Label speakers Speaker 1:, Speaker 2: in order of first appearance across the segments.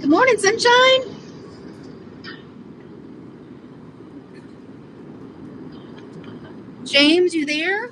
Speaker 1: Good morning, sunshine. James, you there?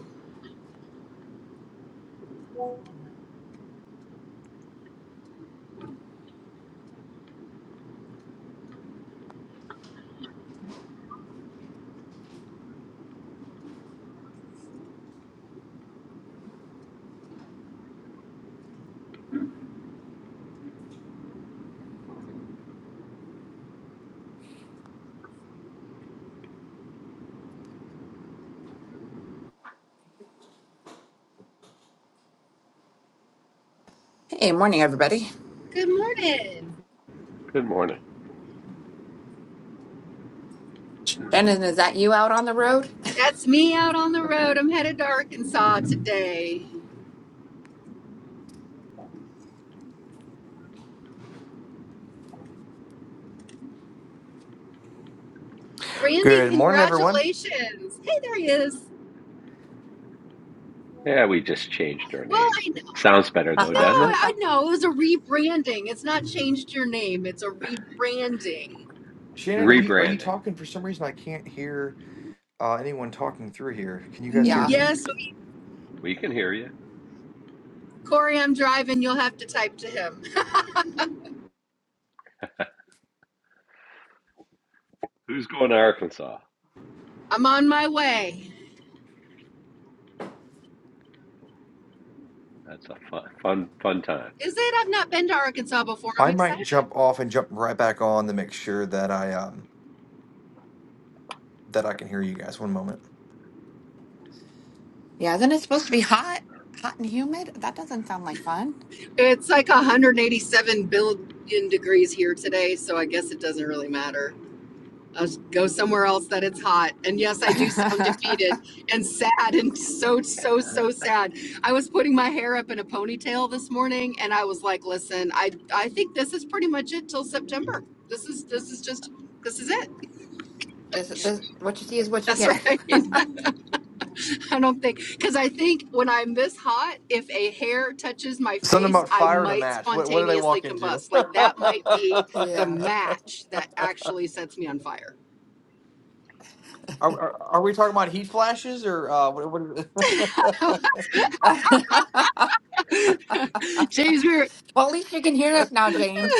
Speaker 2: Hey, morning, everybody.
Speaker 1: Good morning.
Speaker 3: Good morning.
Speaker 2: Shannon, is that you out on the road?
Speaker 1: That's me out on the road. I'm headed to Arkansas today. Randy,
Speaker 4: Good morning, everyone.
Speaker 1: congratulations. Hey, there he is.
Speaker 3: Yeah, we just changed our
Speaker 1: Well,
Speaker 3: name.
Speaker 1: I know.
Speaker 3: Sounds better though,
Speaker 1: No,
Speaker 3: doesn't it?
Speaker 1: I know. It was a rebranding. It's not changed your name, it's a rebranding.
Speaker 4: Shannon, are you are you
Speaker 3: Rebranding.
Speaker 4: talking? For some reason, I can't hear uh, anyone talking through here. Can you guys
Speaker 1: Mm,
Speaker 4: hear
Speaker 2: Yeah.
Speaker 4: me?
Speaker 1: Yes,
Speaker 3: We can hear you.
Speaker 1: Corey, I'm driving. You'll have to type to him.
Speaker 3: Who's going to Arkansas?
Speaker 1: I'm on my way.
Speaker 3: That's a fun, fun, fun time.
Speaker 1: Is it? I've not been to Arkansas before. I'm
Speaker 4: I might
Speaker 1: excited.
Speaker 4: jump off and jump right back on to make sure that I um that I can hear you guys. One moment.
Speaker 2: Yeah, isn't it supposed to be hot? Hot and humid? That doesn't sound like fun.
Speaker 1: It's like 187 billion degrees here today, so I guess it doesn't really matter. I'll go somewhere else that it's hot. And yes, I do sound defeated and sad and so, so, so sad. I was putting my hair up in a ponytail this morning and I was like, listen, I, I think this is pretty much it till September. This is this is just this is it.
Speaker 2: this, this, what you see is what you
Speaker 1: That's
Speaker 2: get.
Speaker 1: right. I don't think because I think when I'm this hot, if a hair touches my
Speaker 4: Something
Speaker 1: face,
Speaker 4: about
Speaker 1: I
Speaker 4: fire in a
Speaker 1: might
Speaker 4: match. What what did I
Speaker 1: spontaneously
Speaker 4: walk into?
Speaker 1: combust. Like
Speaker 4: are,
Speaker 1: that might be the
Speaker 2: yeah.
Speaker 1: match that actually sets me on fire.
Speaker 4: are are we talking about heat flashes or uh, what? what
Speaker 2: well, at
Speaker 1: James, we were
Speaker 2: least you can hear us now, James.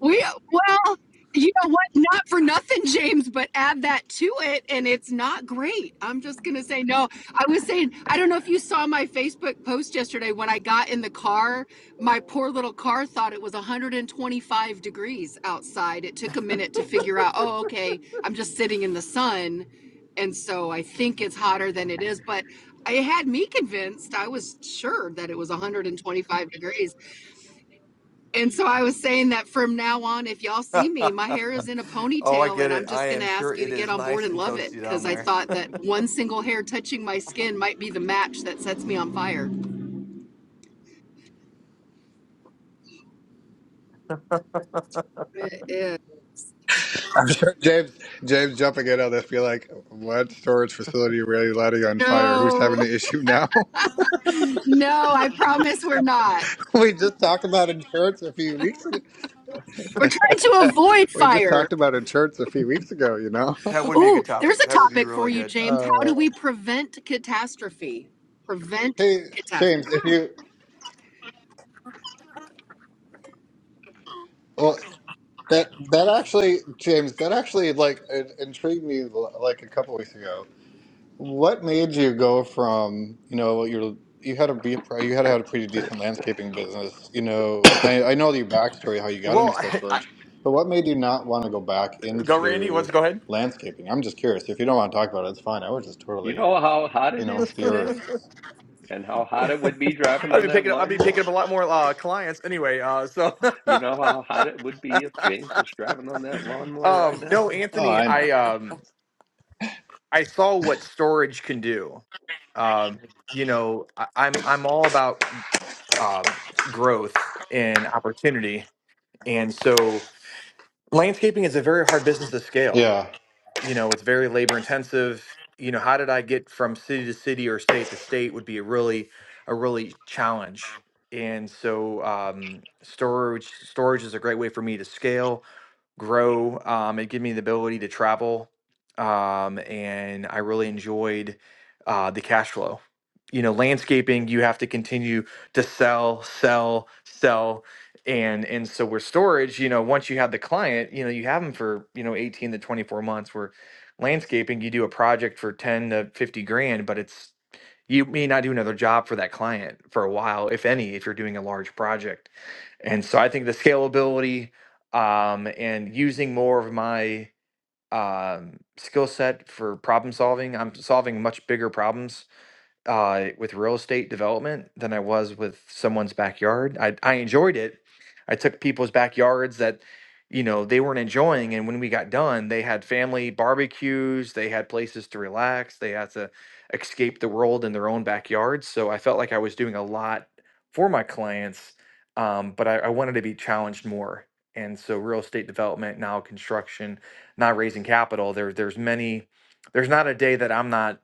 Speaker 1: We well, you know what? Not for nothing, James, but add that to it, and it's not great. I'm just gonna say no. I was saying I don't know if you saw my Facebook post yesterday when I got in the car. My poor little car thought it was 125 degrees outside. It took a minute to figure out. Oh, okay, I'm just sitting in the sun, and so I think it's hotter than it is. But it had me convinced. I was sure that it was 125 degrees. And so I was saying that from now on, if y'all see me, my hair is in a
Speaker 4: oh, I
Speaker 1: ponytail,
Speaker 4: get
Speaker 1: and
Speaker 4: it.
Speaker 1: I'm
Speaker 4: I
Speaker 1: just going to
Speaker 4: am sure
Speaker 1: ask you to
Speaker 4: it
Speaker 1: get
Speaker 4: is
Speaker 1: on board
Speaker 4: nice
Speaker 1: and
Speaker 4: and
Speaker 1: love it
Speaker 4: toasty down
Speaker 1: because I
Speaker 4: there.
Speaker 1: thought that one single hair touching my skin might be the match that sets me on fire. Uh, uh,
Speaker 5: I'm sure James James jumping in on this, be like, what storage facility really letting on fire? Who's having
Speaker 1: No,
Speaker 5: an issue now?
Speaker 1: no, I promise we're not.
Speaker 5: we just talked about insurance a few weeks
Speaker 1: We're trying to
Speaker 5: ago.
Speaker 1: avoid
Speaker 5: we just
Speaker 1: fire.
Speaker 5: talked about insurance a few weeks ago, you know?
Speaker 4: That would be a
Speaker 1: Oh,
Speaker 4: good
Speaker 1: there's
Speaker 4: topic.
Speaker 1: a
Speaker 4: That would be
Speaker 1: topic for
Speaker 4: really
Speaker 1: you,
Speaker 4: good.
Speaker 1: James. How do
Speaker 5: Uh,
Speaker 1: we prevent catastrophe? Prevent
Speaker 5: hey, James,
Speaker 1: catastrophe.
Speaker 5: if you well that that actually James, that actually like it intrigued me like a couple weeks ago. What made you go from, you know, your you had a be you had had a pretty decent landscaping business, you know, I, I know your backstory how you got into
Speaker 4: Well,
Speaker 5: self-storage, but what made you not want to go back
Speaker 4: Go, Randy. You want
Speaker 5: into
Speaker 4: to go ahead?
Speaker 5: landscaping? I'm just curious. If you don't want to talk about it, it's fine. I was just
Speaker 3: You
Speaker 5: totally,
Speaker 3: know how hot
Speaker 5: you
Speaker 3: it
Speaker 5: know,
Speaker 3: is
Speaker 5: the
Speaker 3: today,
Speaker 5: earth.
Speaker 3: and how hot it would be driving
Speaker 4: I'll
Speaker 3: on
Speaker 4: be
Speaker 3: that
Speaker 4: picking. up I'll be picking
Speaker 3: lawnmower.
Speaker 4: up a lot more uh, clients anyway. Uh, so,
Speaker 3: You know how hot it would be if James was driving on that lawnmower right
Speaker 4: um,
Speaker 3: now.
Speaker 4: no,
Speaker 5: Oh,
Speaker 4: Anthony,
Speaker 5: I know.
Speaker 4: I um, I saw what storage can do. Um, you know, I, I'm I'm all about um, growth and opportunity, and so landscaping is a very hard business to scale.
Speaker 5: Yeah.
Speaker 4: you know it's very labor intensive you know how did i get from city to city or state to state would be a really a really challenge and so um, storage storage is a great way for me to scale grow. Um, it gave me the ability to travel, um, and I really enjoyed uh, the cash flow. You know, landscaping, you have to continue to sell, sell, sell. And and so with storage, you know, once you have the client, you know, you have them for, you know, 18 to 24 months where landscaping, you do a project for 10 to 50 grand, but it's you may not do another job for that client for a while, if any, if you're doing a large project. And so I think the scalability um, and using more of my um, skill set for problem solving, I'm solving much bigger problems uh, with real estate development than I was with someone's backyard. I, I enjoyed it. I took people's backyards that, you know, they weren't enjoying. And when we got done, they had family barbecues, they had places to relax, they had to escape the world in their own backyards. So I felt like I was doing a lot for my clients, um, but I, I wanted to be challenged more. And so real estate development, now construction, not raising capital, there, there's many, there's not a day that I'm not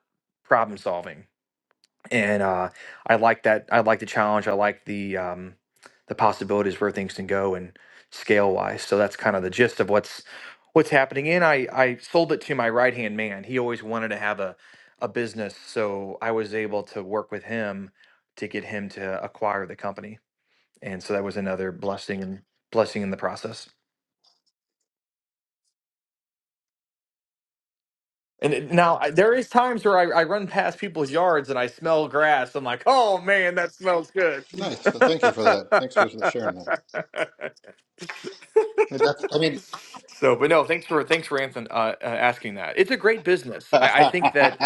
Speaker 4: problem solving and uh, I like that. I like the challenge. I like the um, the possibilities where things can go and scale wise. So that's kind of the gist of what's what's happening. And I I sold it to my right hand man. He always wanted to have a a business, so I was able to work with him to get him to acquire the company. And so that was another blessing and blessing in the process. And it- now I, there is times where I, I run past people's yards and I smell grass. I'm like, oh man, that smells good.
Speaker 5: Nice. Well, thank you for that. Thanks for sharing that. It def- I mean,
Speaker 4: so, but no, thanks for thanks for Anthony uh, uh, asking that. It's a great business. I, I think that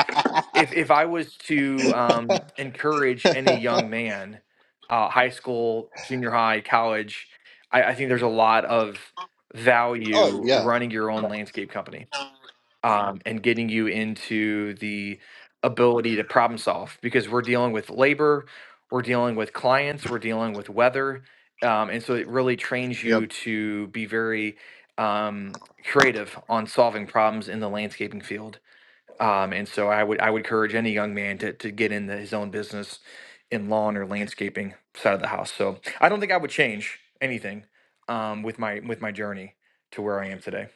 Speaker 4: if if I was to um, encourage any young man, uh, high school, junior high, college, I, I think there's a lot of
Speaker 5: oh
Speaker 4: value
Speaker 5: yeah.
Speaker 4: running your own landscape company um, and getting you into the ability to problem solve because we're dealing with labor, we're dealing with clients, we're dealing with weather. Um, and so it really trains
Speaker 5: Yep.
Speaker 4: you to be very um, creative on solving problems in the landscaping field. Um, and so I would I would encourage any young man to, to get into his own business in lawn or landscaping side of the house. So I don't think I would change anything um, with my with my journey to where I am today.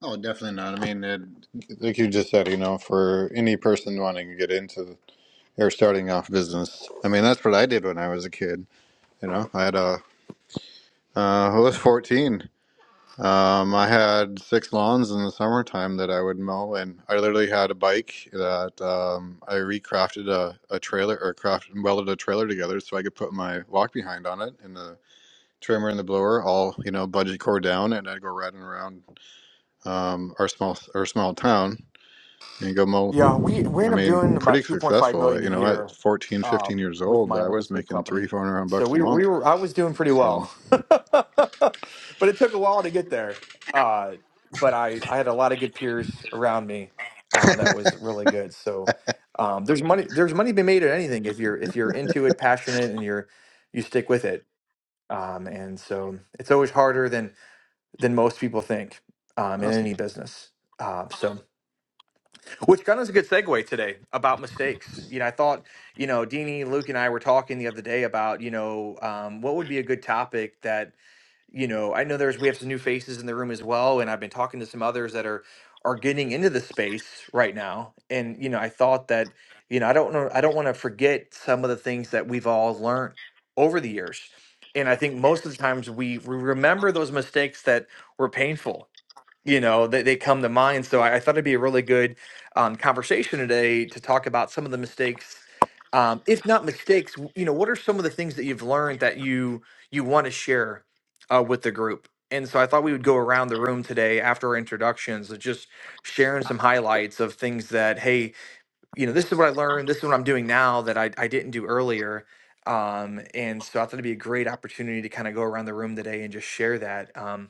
Speaker 5: Oh, definitely not. I mean, it, like you just said, you know, for any person wanting to get into or starting off business, I mean, that's what I did when I was a kid. You know, I had a, uh, I was 14. Um, I had six lawns in the summertime that I would mow, and I literally had a bike that um, I recrafted a, a trailer or crafted and welded a trailer together so I could put my walk behind on it and the trimmer and the blower all, you know, budget core down, and I'd go riding around um, our small our small town And you go, well,
Speaker 4: Yeah, we we
Speaker 5: I
Speaker 4: end up
Speaker 5: mean,
Speaker 4: doing about
Speaker 5: pretty
Speaker 4: 2.5
Speaker 5: successful.
Speaker 4: million a
Speaker 5: You know, at
Speaker 4: year
Speaker 5: 14, 15
Speaker 4: um
Speaker 5: years
Speaker 4: with
Speaker 5: old,
Speaker 4: my
Speaker 5: I was
Speaker 4: landscape
Speaker 5: making three,
Speaker 4: company.
Speaker 5: 400
Speaker 4: So
Speaker 5: bucks a
Speaker 4: we we
Speaker 5: month.
Speaker 4: were I was doing pretty
Speaker 5: So
Speaker 4: well. But it took a while to get there. Uh but I I had a lot of good peers around me uh that was really good. So um there's money there's money to be made at anything if you're if you're into it, passionate and you're you stick with it. Um and so it's always harder than than most people think um in
Speaker 5: awesome.
Speaker 4: any business. Uh, so which kind of is a good segue today about mistakes. You know, I thought, you know, Deanie, Luke, and I were talking the other day about, you know, um, what would be a good topic that, you know, I know there's we have some new faces in the room as well, and I've been talking to some others that are are getting into the space right now, and you know, I thought that, you know, I don't know, I don't want to forget some of the things that we've all learned over the years, and I think most of the times we we remember those mistakes that were painful, you know they, they come to mind so I, I thought it'd be a really good um, conversation today to talk about some of the mistakes um, if not mistakes w- you know what are some of the things that you've learned that you you want to share uh, with the group and so i thought we would go around the room today after our introductions of just sharing some highlights of things that hey you know, this is what I learned. This is what I'm doing now that I, I didn't do earlier. Um, and so I thought it'd be a great opportunity to kind of go around the room today and just share that. Um,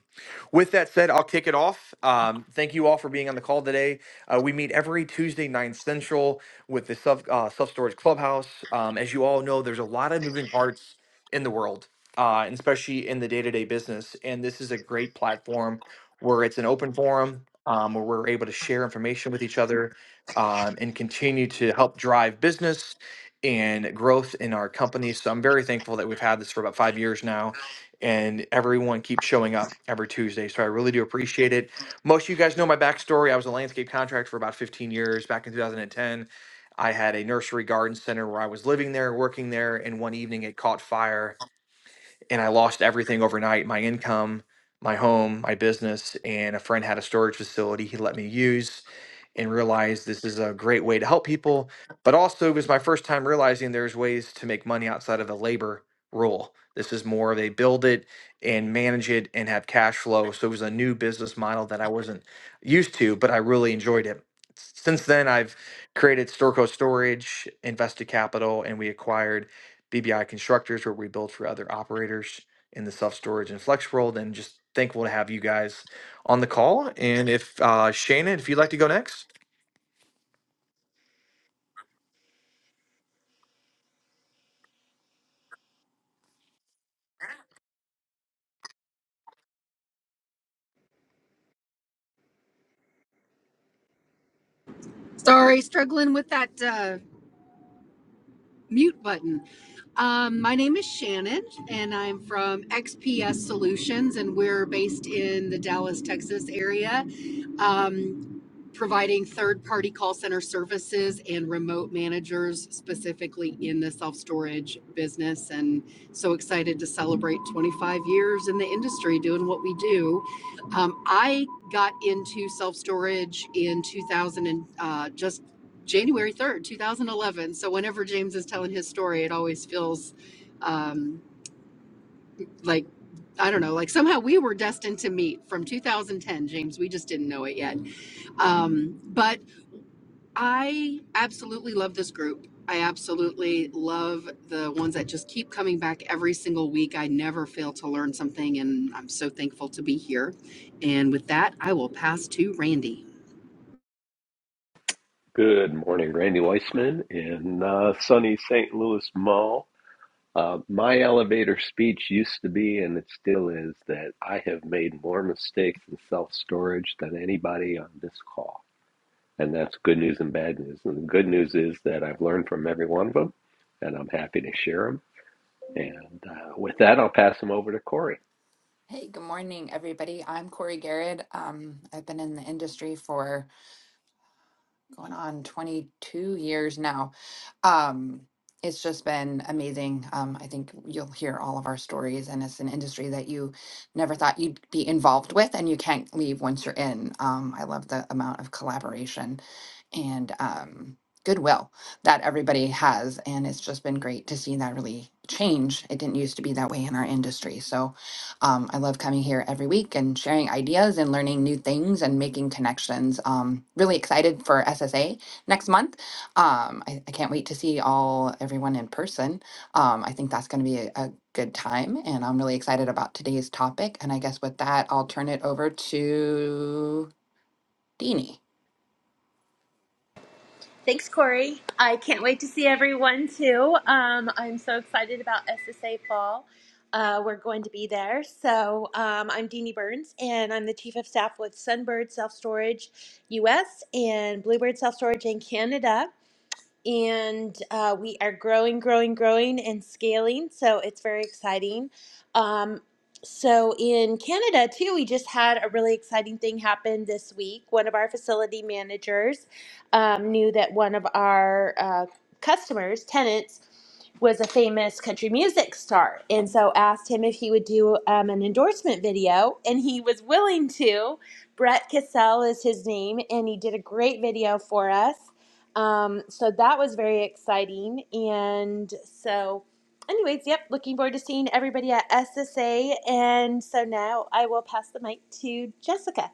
Speaker 4: with that said, I'll kick it off. Um, thank you all for being on the call today. Uh, we meet every Tuesday, 9 Central, with the Self uh, Self Storage Clubhouse. Um, as you all know, there's a lot of moving parts in the world, uh, and especially in the day to day business. And this is a great platform where it's an open forum. Um, where we're able to share information with each other um, and continue to help drive business and growth in our company. So I'm very thankful that we've had this for about five years now. And everyone keeps showing up every Tuesday. So I really do appreciate it. Most of you guys know my backstory. I was a landscape contractor for about 15 years back in 2010. I had a nursery garden center where I was living there, working there, and one evening it caught fire and I lost everything overnight my income, my home, my business. And a friend had a storage facility he let me use and realized this is a great way to help people. But also, it was my first time realizing there's ways to make money outside of the labor rule. This is more of a build it and manage it and have cash flow. So it was a new business model that I wasn't used to, but I really enjoyed it. Since then, I've created Storco Storage, invested capital, and we acquired BBI Constructors, where we build for other operators in the self storage and flex world. And just thankful to have you guys on the call. And if uh, Shannon, if you'd like to go next.
Speaker 1: Sorry, struggling with that. Uh, mute button. Um, my name is Shannon, and I'm from XPS Solutions, and we're based in the Dallas, Texas area. Um, providing third-party call center services and remote managers specifically in the self-storage business and so excited to celebrate 25 years in the industry doing what we do um, i got into self-storage in 2000 and uh, just january 3rd 2011 so whenever james is telling his story it always feels um, like i don't know like somehow we were destined to meet from 2010 james we just didn't know it yet um, but I absolutely love this group. I absolutely love the ones that just keep coming back every single week. I never fail to learn something, and I'm so thankful to be here. And with that, I will pass to Randy.
Speaker 3: Good morning, Randy Weissman in uh, sunny St. Louis Mall. Uh, my elevator speech used to be, and it still is, that I have made more mistakes in self storage than anybody on this call. And that's good news and bad news. And the good news is that I've learned from every one of them, and I'm happy to share them. And uh, with that, I'll pass them over to Corey.
Speaker 2: hey, good morning, everybody. I'm Corey Garrett. Um, I've been in the industry for going on 22 years now. Um, it's just been amazing. Um, I think you'll hear all of our stories, and it's an industry that you never thought you'd be involved with, and you can't leave once you're in. Um, I love the amount of collaboration and um, goodwill that everybody has, and it's just been great to see that really change. It didn't used to be that way in our industry. So um, I love coming here every week and sharing ideas and learning new things and making connections. Um, really excited for SSA next month um, I, I can't wait to see all everyone in person. Um, I think that's going to be a, a good time, and I'm really excited about today's topic. And I guess with that, I'll turn it over to Deanie.
Speaker 6: Thanks, Corey. I can't wait to see everyone too. Um, I'm so excited about SSA Fall. Uh, we're going to be there. So um, I'm Deanie Burns, and I'm the Chief of Staff with Sunbird Self Storage US and Bluebird Self Storage in Canada and uh, we are growing, growing, growing, and scaling. So it's very exciting. Um, so in Canada too, we just had a really exciting thing happen this week. One of our facility managers um, knew that one of our uh, customers, tenants, was a famous country music star, and so asked him if he would do um, an endorsement video, and he was willing to. Brett Cassell is his name, and he did a great video for us um, so that was very exciting. And so, anyways, yep, looking forward to seeing everybody at SSA. And so now I will pass the mic to Jessica.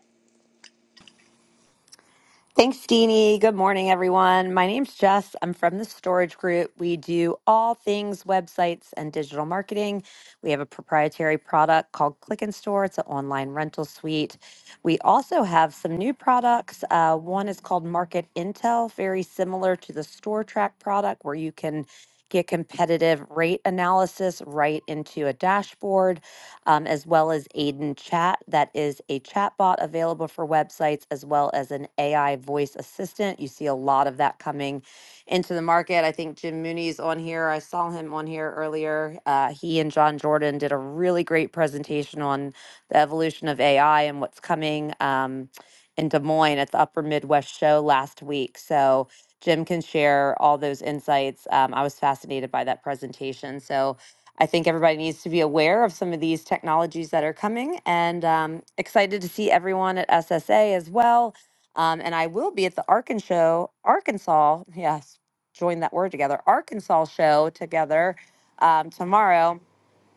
Speaker 7: Thanks, Deanie. Good morning, everyone. My name's Jess. I'm from the Storage Group. We do all things websites and digital marketing. We have a proprietary product called Click and Store, it's an online rental suite. We also have some new products. Uh, one is called Market Intel, very similar to the Store Track product, where you can get competitive rate analysis right into a dashboard um, as well as Aiden Chat. That is a chat bot available for websites as well as an AI voice assistant. You see a lot of that coming into the market. I think Jim Mooney's on here. I saw him on here earlier. Uh, he and John Jordan did a really great presentation on the evolution of AI and what's coming um, in Des Moines at the Upper Midwest Show last week. So Jim can share all those insights. Um, I was fascinated by that presentation. So I think everybody needs to be aware of some of these technologies that are coming and um, excited to see everyone at SSA as well. Um, and I will be at the Arkansas show, Arkansas, yes, join that word together, Arkansas show together um, tomorrow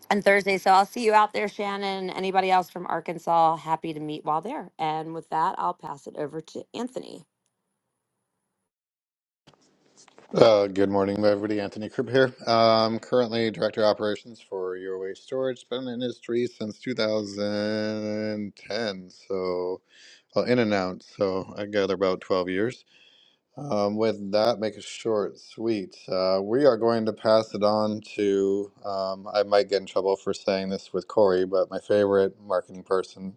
Speaker 7: and Thursday. So I'll see you out there, Shannon. Anybody else from Arkansas, happy to meet while there. And with that, I'll pass it over to Anthony.
Speaker 5: Uh, good morning, everybody. Anthony Krupp here. I'm currently director of operations for Your Waste Storage. Been in the industry since 2010. So, well, in and out. So I gather about 12 years. Um, with that, make it short, sweet. Uh, we are going to pass it on to, um, I might get in trouble for saying this with Corey, but my favorite marketing person.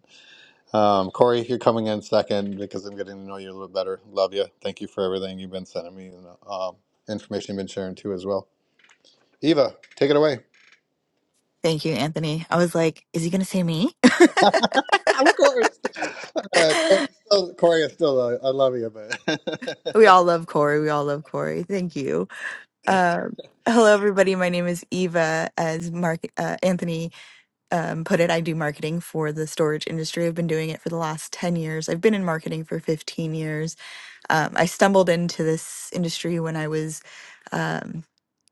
Speaker 5: Um, Corey, you're coming in second because I'm getting to know you a little better. Love you. Thank you for everything you've been sending me and um, information you've been sharing too as well. Eva, take it away.
Speaker 8: Thank you, Anthony. I was like, is he going to say me?
Speaker 5: Of course. Uh, Corey, is still, Corey is still, uh, I love you,
Speaker 8: we
Speaker 5: but.
Speaker 8: all love Corey. We all love Corey. Thank you. Um, hello, everybody. My name is Eva. As Mark uh, Anthony um, put it, I do marketing for the storage industry. I've been doing it for the last 10 years. I've been in marketing for 15 years. Um, I stumbled into this industry when I was. Um,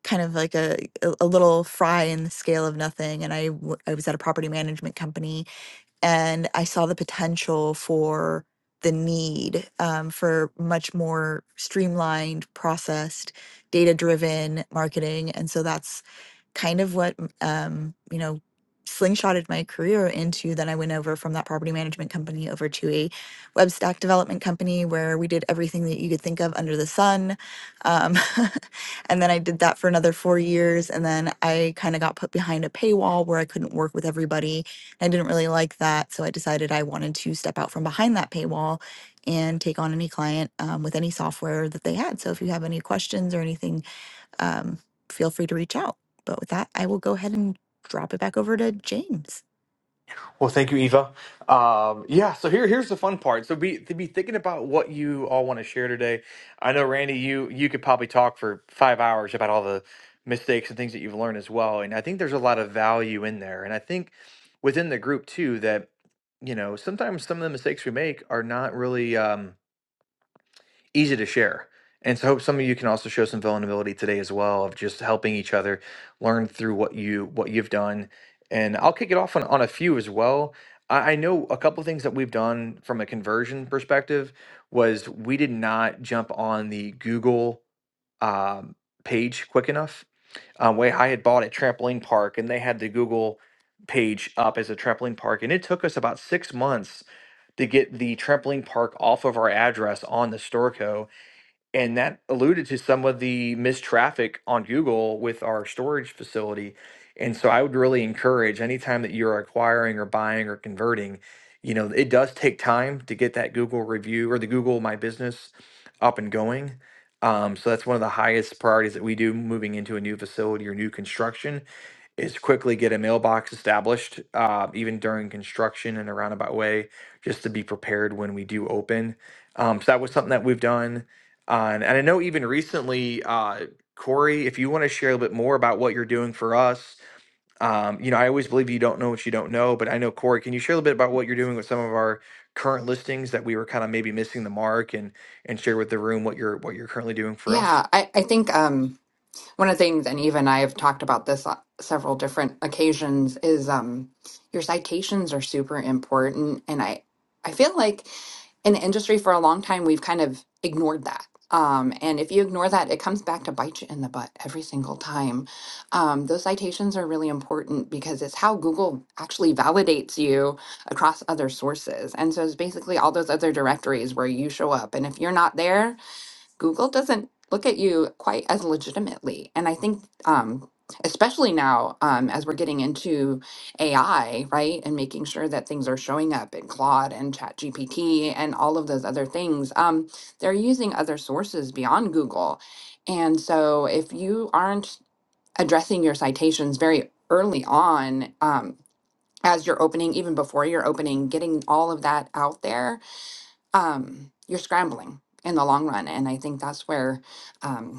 Speaker 8: kind of like a, a a little fry in the scale of nothing and I, w- I was at a property management company and I saw the potential for the need um, for much more streamlined, processed, data driven marketing. And so that's kind of what um, you know slingshotted my career into then i went over from that property management company over to a web stack development company where we did everything that you could think of under the sun um, and then i did that for another four years and then i kind of got put behind a paywall where i couldn't work with everybody i didn't really like that so i decided i wanted to step out from behind that paywall and take on any client um, with any software that they had so if you have any questions or anything um, feel free to reach out. But with that, I will go ahead and drop it back over to James.
Speaker 4: Well, thank you, Eva. Um, yeah, so here here's the fun part. So be to be thinking about what you all want to share today. I know Randy, you you could probably talk for five hours about all the mistakes and things that you've learned as well. And I think there's a lot of value in there. And I think within the group too that you know sometimes some of the mistakes we make are not really. Um, easy to share. And so I hope some of you can also show some vulnerability today as well of just helping each other learn through what you what you've done. And I'll kick it off on, on a few as well. I, I know a couple things that we've done from a conversion perspective was we did not jump on the Google um, page quick enough. Um, way I had bought a trampoline park and they had the Google page up as a trampoline park, and it took us about six months to get the trampoline park off of our address on the Storco and that alluded to some of the missed traffic on Google with our storage facility. And so I would really encourage anytime that you're acquiring or buying or converting, you know, it does take time to get that Google review or the Google My Business up and going. Um, so that's one of the highest priorities that we do moving into a new facility or new construction is quickly get a mailbox established, uh, even during construction in a roundabout way, just to be prepared when we do open. Um, so that was something that we've done. On, and I know even recently, uh, Corey, if you want to share a little bit more about what you're doing for us, um, you know, I always believe you don't know what you don't know, but I know Corey, can you share a little bit about what you're doing with some of our current listings that we were kind of maybe missing the mark and and share with the room what you're what you're currently doing for
Speaker 2: Yeah,
Speaker 4: us?
Speaker 2: I, I think um, one of the things, and even I have talked about this on several different occasions, is um, your citations are super important. And I, I feel like in the industry for a long time, we've kind of ignored that. Um, and if you ignore that, it comes back to bite you in the butt every single time. Um, those citations are really important because it's how Google actually validates you across other sources. And so it's basically all those other directories where you show up. And if you're not there, Google doesn't look at you quite as legitimately. And I think, um, especially now, um, as we're getting into AI, right, and making sure that things are showing up in Claude and ChatGPT and all of those other things, um, they're using other sources beyond Google. And so if you aren't addressing your citations very early on, um, as you're opening, even before you're opening, getting all of that out there um, you're scrambling in the long run. And I think that's where um,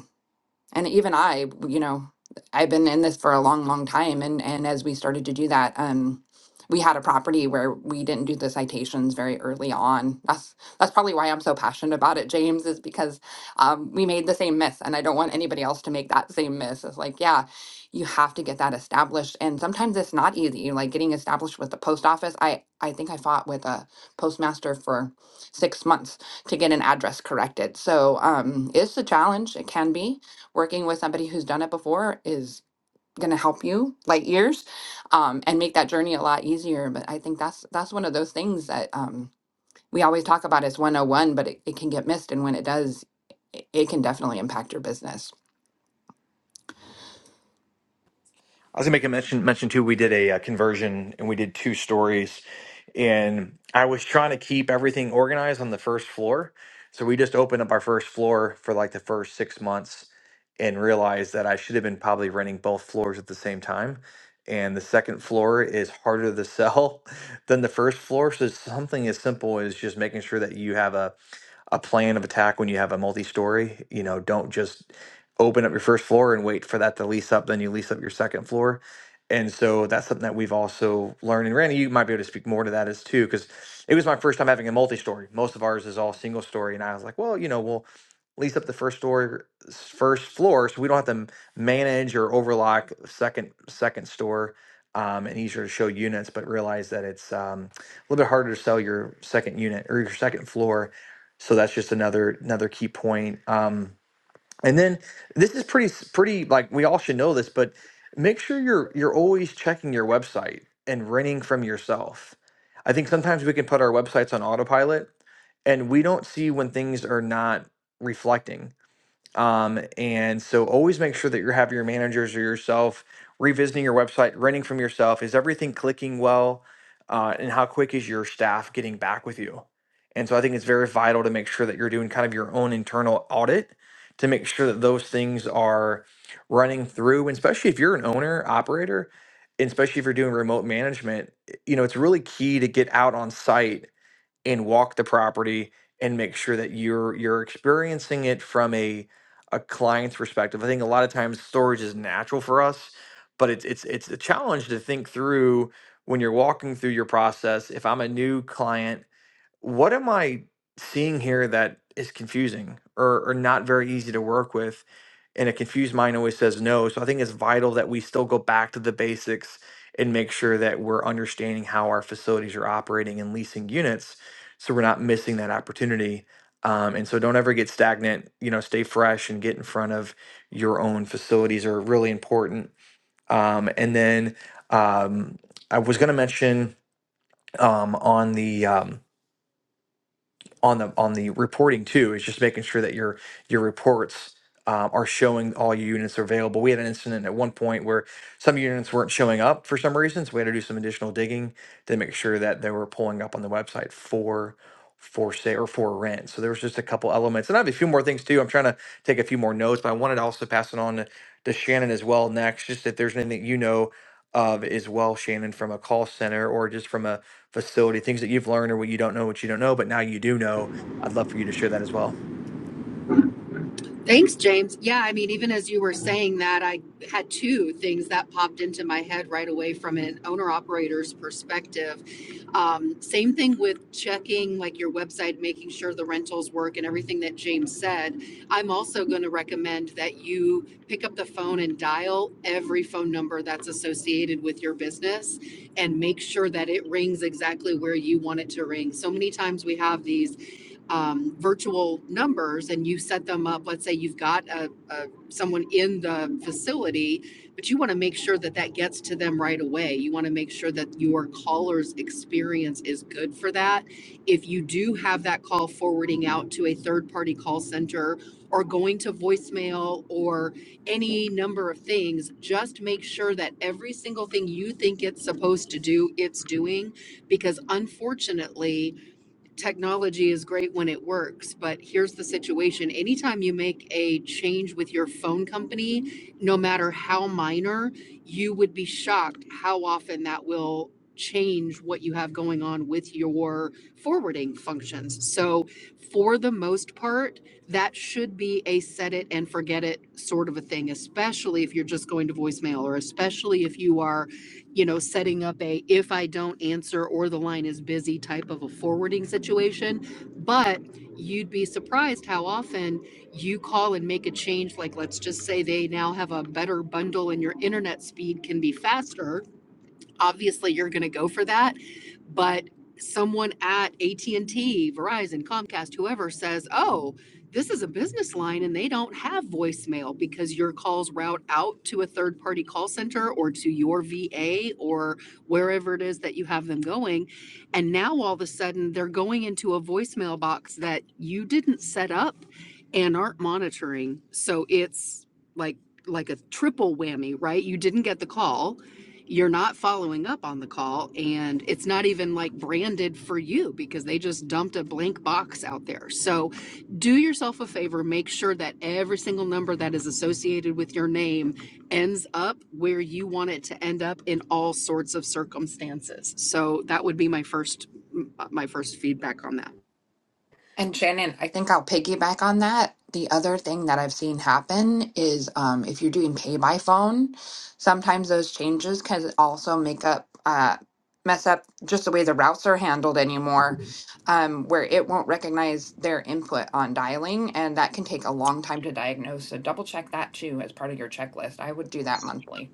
Speaker 2: and even i you know i've been in this for a long long time and and as we started to do that um we had a property where we didn't do the citations very early on that's that's probably why i'm so passionate about it james is because um, we made the same miss and i don't want anybody else to make that same miss it's like yeah you have to get that established and sometimes it's not easy like getting established with the post office i i think i fought with a postmaster for six months to get an address corrected so um it's a challenge it can be working with somebody who's done it before is going to help you light years um, and make that journey a lot easier but i think that's that's one of those things that um, we always talk about as 101 but it, it can get missed and when it does it, it can definitely impact your business
Speaker 4: I was gonna make a mention mention too. We did a, uh conversion and we did two stories, and I was trying to keep everything organized on the first floor. So we just opened up our first floor for like the first six months, and realized that I should have been probably renting both floors at the same time. And the second floor is harder to sell than the first floor. So something as simple as just making sure that you have a a plan of attack when you have a multi-story. You know, don't just open up your first floor and wait for that to lease up, then you lease up your second floor. And so that's something that we've also learned. And Randy, you might be able to speak more to that as too, because it was my first time having a multi-story. Most of ours is all single story. And I was like, well, you know, we'll lease up the first story first floor so we don't have to m- manage or overlock second second store um, and easier to show units, but realize that it's um, a little bit harder to sell your second unit or your second floor so that's just another another key point um and then this is pretty s- pretty like we all should know this but make sure you're you're always checking your website and renting from yourself i think sometimes we can put our websites on autopilot and we don't see when things are not reflecting um, and so always make sure that you have your managers or yourself revisiting your website, renting from yourself. Is everything clicking well? Uh, and how quick is your staff getting back with you? And so I think it's very vital to make sure that you're doing kind of your own internal audit to make sure that those things are running through. And especially if you're an owner, operator, and especially if you're doing remote management, you know, it's really key to get out on site and walk the property and make sure that you're you're experiencing it from a a client's perspective. I think a lot of times storage is natural for us, but it's it's it's a challenge to think through when you're walking through your process. If I'm a new client what am I seeing here that is confusing or, or not very easy to work with? And a confused mind always says no. So I think it's vital that we still go back to the basics and make sure that we're understanding how our facilities are operating and leasing units so we're not missing that opportunity. Um, and so don't ever get stagnant, you know, stay fresh and get in front of your own facilities are really important. Um, and then um, I was going to mention um, on the, um, on the on the reporting too is just making sure that your your reports um, are showing all your units are available. We had an incident at one point where some units weren't showing up for some reason, so we had to do some additional digging to make sure that they were pulling up on the website for for sale or for rent. So there was just a couple elements, and I have a few more things too. I'm trying to take a few more notes, but I wanted to also pass it on to, to Shannon as well next. Just if there's anything you know of as well, Shannon, from a call center or just from a facility, things that you've learned or what you don't know, what you don't know, but now you do know. I'd love for you to share that as well.
Speaker 1: Thanks, James. Yeah, I mean, even as you were saying that, I had two things that popped into my head right away from an owner operator's perspective. Um, same thing with checking like your website, making sure the rentals work and everything that James said. I'm also going to recommend that you pick up the phone and dial every phone number that's associated with your business and make sure that it rings exactly where you want it to ring. So many times we have these um, virtual numbers and you set them up let's say you've got a, a someone in the facility but you want to make sure that that gets to them right away you want to make sure that your caller's experience is good for that if you do have that call forwarding out to a third party call center or going to voicemail or any number of things just make sure that every single thing you think it's supposed to do it's doing because unfortunately technology is great when it works, but here's the situation. Anytime you make a change with your phone company, no matter how minor, you would be shocked how often that will change what you have going on with your forwarding functions. So, for the most part, that should be a set it and forget it sort of a thing, especially if you're just going to voicemail or especially if you are you know, setting up a if I don't answer or the line is busy type of a forwarding situation. But you'd be surprised how often you call and make a change. Like, let's just say they now have a better bundle and your internet speed can be faster obviously you're going to go for that but someone at AT&T, Verizon, Comcast, whoever says, "Oh, this is a business line and they don't have voicemail because your calls route out to a third-party call center or to your VA or wherever it is that you have them going." And now all of a sudden they're going into a voicemail box that you didn't set up and aren't monitoring. So it's like like a triple whammy, right? You didn't get the call you're not following up on the call and it's not even like branded for you because they just dumped a blank box out there. So do yourself a favor, make sure that every single number that is associated with your name ends up where you want it to end up in all sorts of circumstances. So that would be my first my first feedback on that.
Speaker 2: And Shannon, I think I'll piggyback on that. The other thing that I've seen happen is um, if you're doing pay by phone, sometimes those changes can also make up, uh, mess up just the way the routes are handled anymore, um, where it won't recognize their input on dialing. And that can take a long time to diagnose. So double check that too as part of your checklist. I would do that monthly.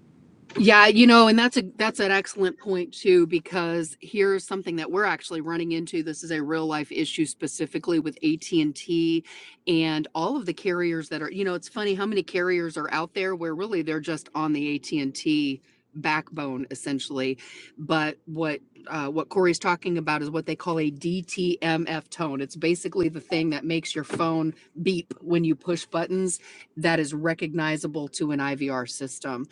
Speaker 1: Yeah, you know, and that's a that's an excellent point too because here's something that we're actually running into. This is a real life issue specifically with AT&T and T and all of the carriers that are, you know, it's funny how many carriers are out there where really they're just on the AT&T backbone essentially. But what uh, what Corey's talking about is what they call a DTMF tone. It's basically the thing that makes your phone beep when you push buttons that is recognizable to an IVR system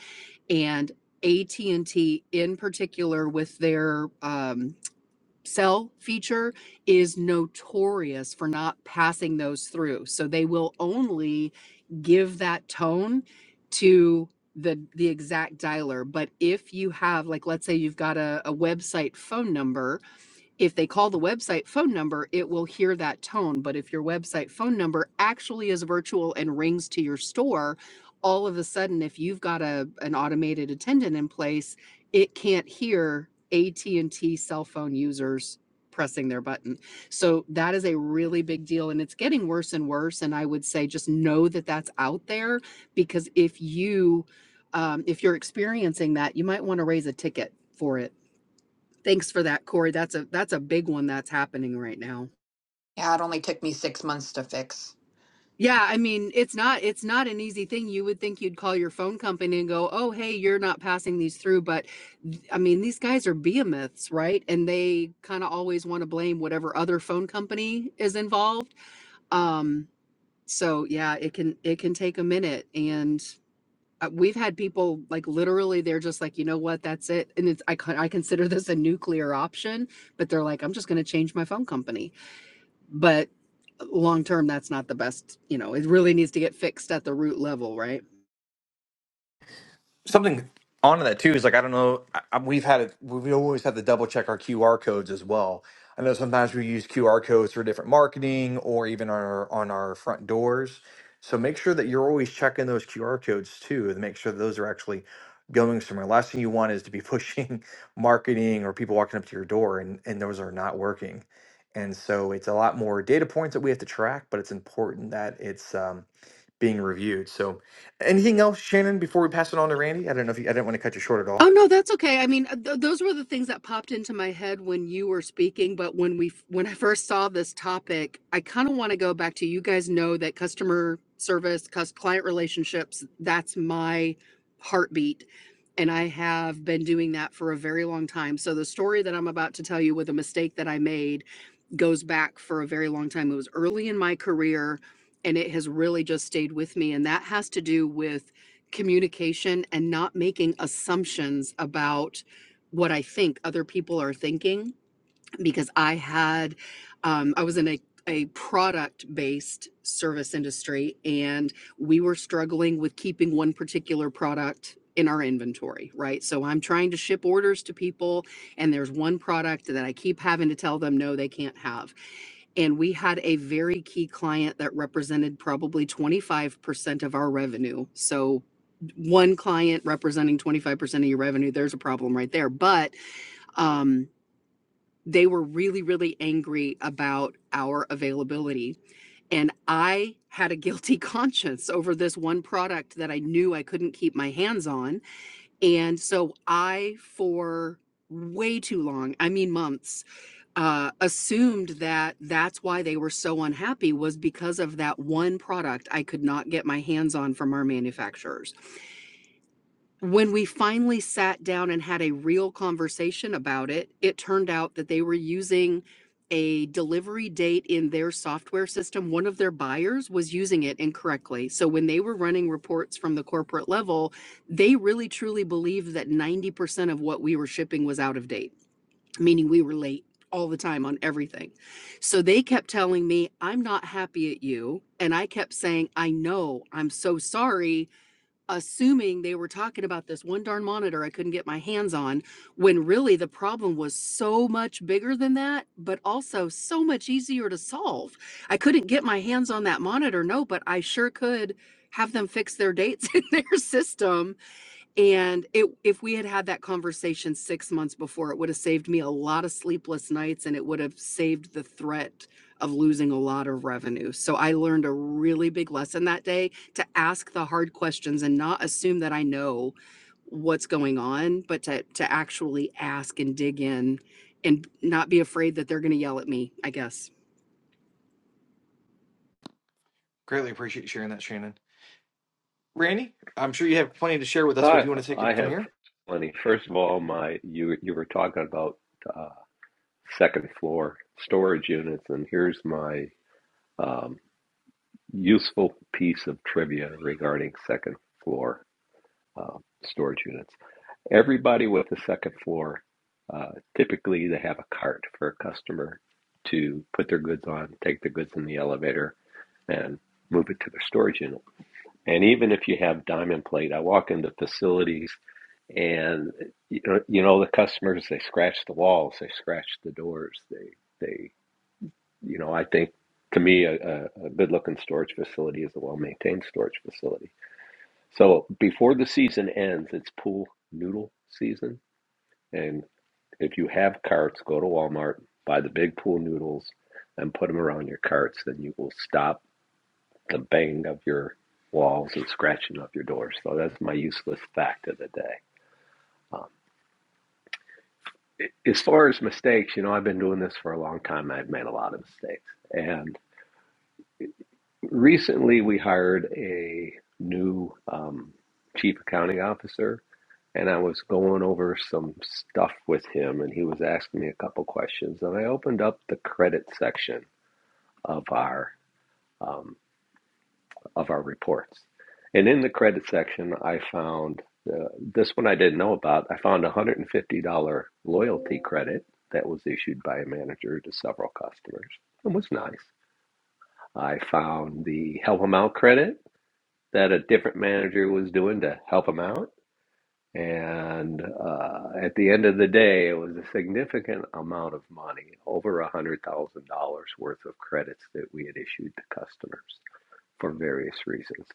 Speaker 1: and AT&T in particular with their um, cell feature is notorious for not passing those through. So they will only give that tone to the the exact dialer. But if you have like let's say you've got a, a website phone number if they call the website phone number, it will hear that tone. But if your website phone number actually is virtual and rings to your store, all of a sudden, if you've got a an automated attendant in place, it can't hear AT and T cell phone users pressing their button. So that is a really big deal, and it's getting worse and worse. And I would say just know that that's out there because if you um, if you're experiencing that, you might want to raise a ticket for it Thanks for that, Corey. That's a that's a big one that's happening right now.
Speaker 2: Yeah, it only took me six months to fix.
Speaker 1: Yeah, I mean, it's not it's not an easy thing. You would think you'd call your phone company and go, "Oh, hey, you're not passing these through." But th- I mean, these guys are behemoths, right? And they kind of always want to blame whatever other phone company is involved. Um, so yeah, it can it can take a minute, and uh, we've had people like literally they're just like, you know what, that's it, and it's I con- I consider this a nuclear option, but they're like, I'm just going to change my phone company but long term that's not the best you know it really needs to get fixed at the root level right
Speaker 4: something on that too is like I don't know. I, I- we've had it. We always have to double check our QR codes as well. I know sometimes we use QR codes for different marketing or even on our on our front doors. So make sure that you're always checking those QR codes too, and make sure those are actually going somewhere. Last thing you want is to be pushing marketing or people walking up to your door, and and those are not working. And so it's a lot more data points that we have to track, but it's important that it's um, being reviewed. So Anything else, Shannon, before we pass it on to Randy? I don't know if you, I didn't want to cut you short at
Speaker 1: oh
Speaker 4: all.
Speaker 1: no that's okay i mean uh, th- those were the things that popped into my head when you were speaking but when we f- when i first saw this topic i kind of want to go back to you guys know that customer service cus- client relationships that's my heartbeat and i have been doing that for a very long time so the story that i'm about to tell you with a mistake that i made goes back for a very long time. It was early in my career and it has really just stayed with me. And that has to do with communication and not making assumptions about what I think other people are thinking because I had, um, I was in a, a product based service industry and we were struggling with keeping one particular product in our inventory, right? So I'm trying to ship orders to people and there's one product that I keep having to tell them no, they can't have. And we had a very key client that represented probably 25% of our revenue. So one client representing 25% of your revenue, there's a problem right there. But, um they were really, really angry about our availability. And I had a guilty conscience over this one product that I knew I couldn't keep my hands on. And so I, for way too long, I mean, months, uh, assumed that that's why they were so unhappy was because of that one product I could not get my hands on from our manufacturers when we finally sat down and had a real conversation about it, it turned out that they were using a delivery date in their software system. One of their buyers was using it incorrectly. So when they were running reports from the corporate level, they really truly believed that 90% of what we were shipping was out of date, meaning we were late all the time on everything. So they kept telling me, I'm not happy at you. And I kept saying, I know, I'm so sorry assuming they were talking about this one darn monitor I couldn't get my hands on, when really the problem was so much bigger than that, but also so much easier to solve. I couldn't get my hands on that monitor, no, but I sure could have them fix their dates in their system and it, if we had had that conversation six months before, it would have saved me a lot of sleepless nights and it would have saved the threat of losing a lot of revenue. So I learned a really big lesson that day to ask the hard questions and not assume that I know what's going on, but to, to actually ask and dig in and not be afraid that they're going to yell at me, I guess.
Speaker 4: Greatly appreciate you sharing that, Shannon. Randy, I'm sure you have plenty to share with us, but if
Speaker 3: I,
Speaker 4: you want to take it
Speaker 3: I
Speaker 4: from
Speaker 3: have
Speaker 4: here.
Speaker 3: plenty. First of all, my you you were talking about uh, second floor storage units, and here's my um, useful piece of trivia regarding second floor uh, storage units. Everybody with the second floor, uh, typically they have a cart for a customer to put their goods on, take their goods in the elevator, and move it to their storage unit. And even if you have diamond plate, I walk into facilities and you know, you know the customers they scratch the walls, they scratch the doors, they they you know I think to me a, a a good looking storage facility is a well maintained storage facility so before the season ends, it's pool noodle season. And if you have carts, go to Walmart, buy the big pool noodles, and put them around your carts. Then you will stop the bang of your walls and scratching of your doors. So that's my useless fact of the day. Um, a- as far as mistakes, you know, I've been doing this for a long time. I've made a lot of mistakes. And recently we hired a new um, chief accounting officer and I was going over some stuff with him, and he was asking me a couple questions, and I opened up the credit section of our um, of our reports, and in the credit section, I found uh, this one I didn't know about. I found a one hundred and fifty dollar loyalty credit that was issued by a manager to several customers. It was nice. I found the help him out credit that a different manager was doing to help him out And uh, at the end of the day, it was a significant amount of money, over $100,000 worth of credits that we had issued to customers for various reasons.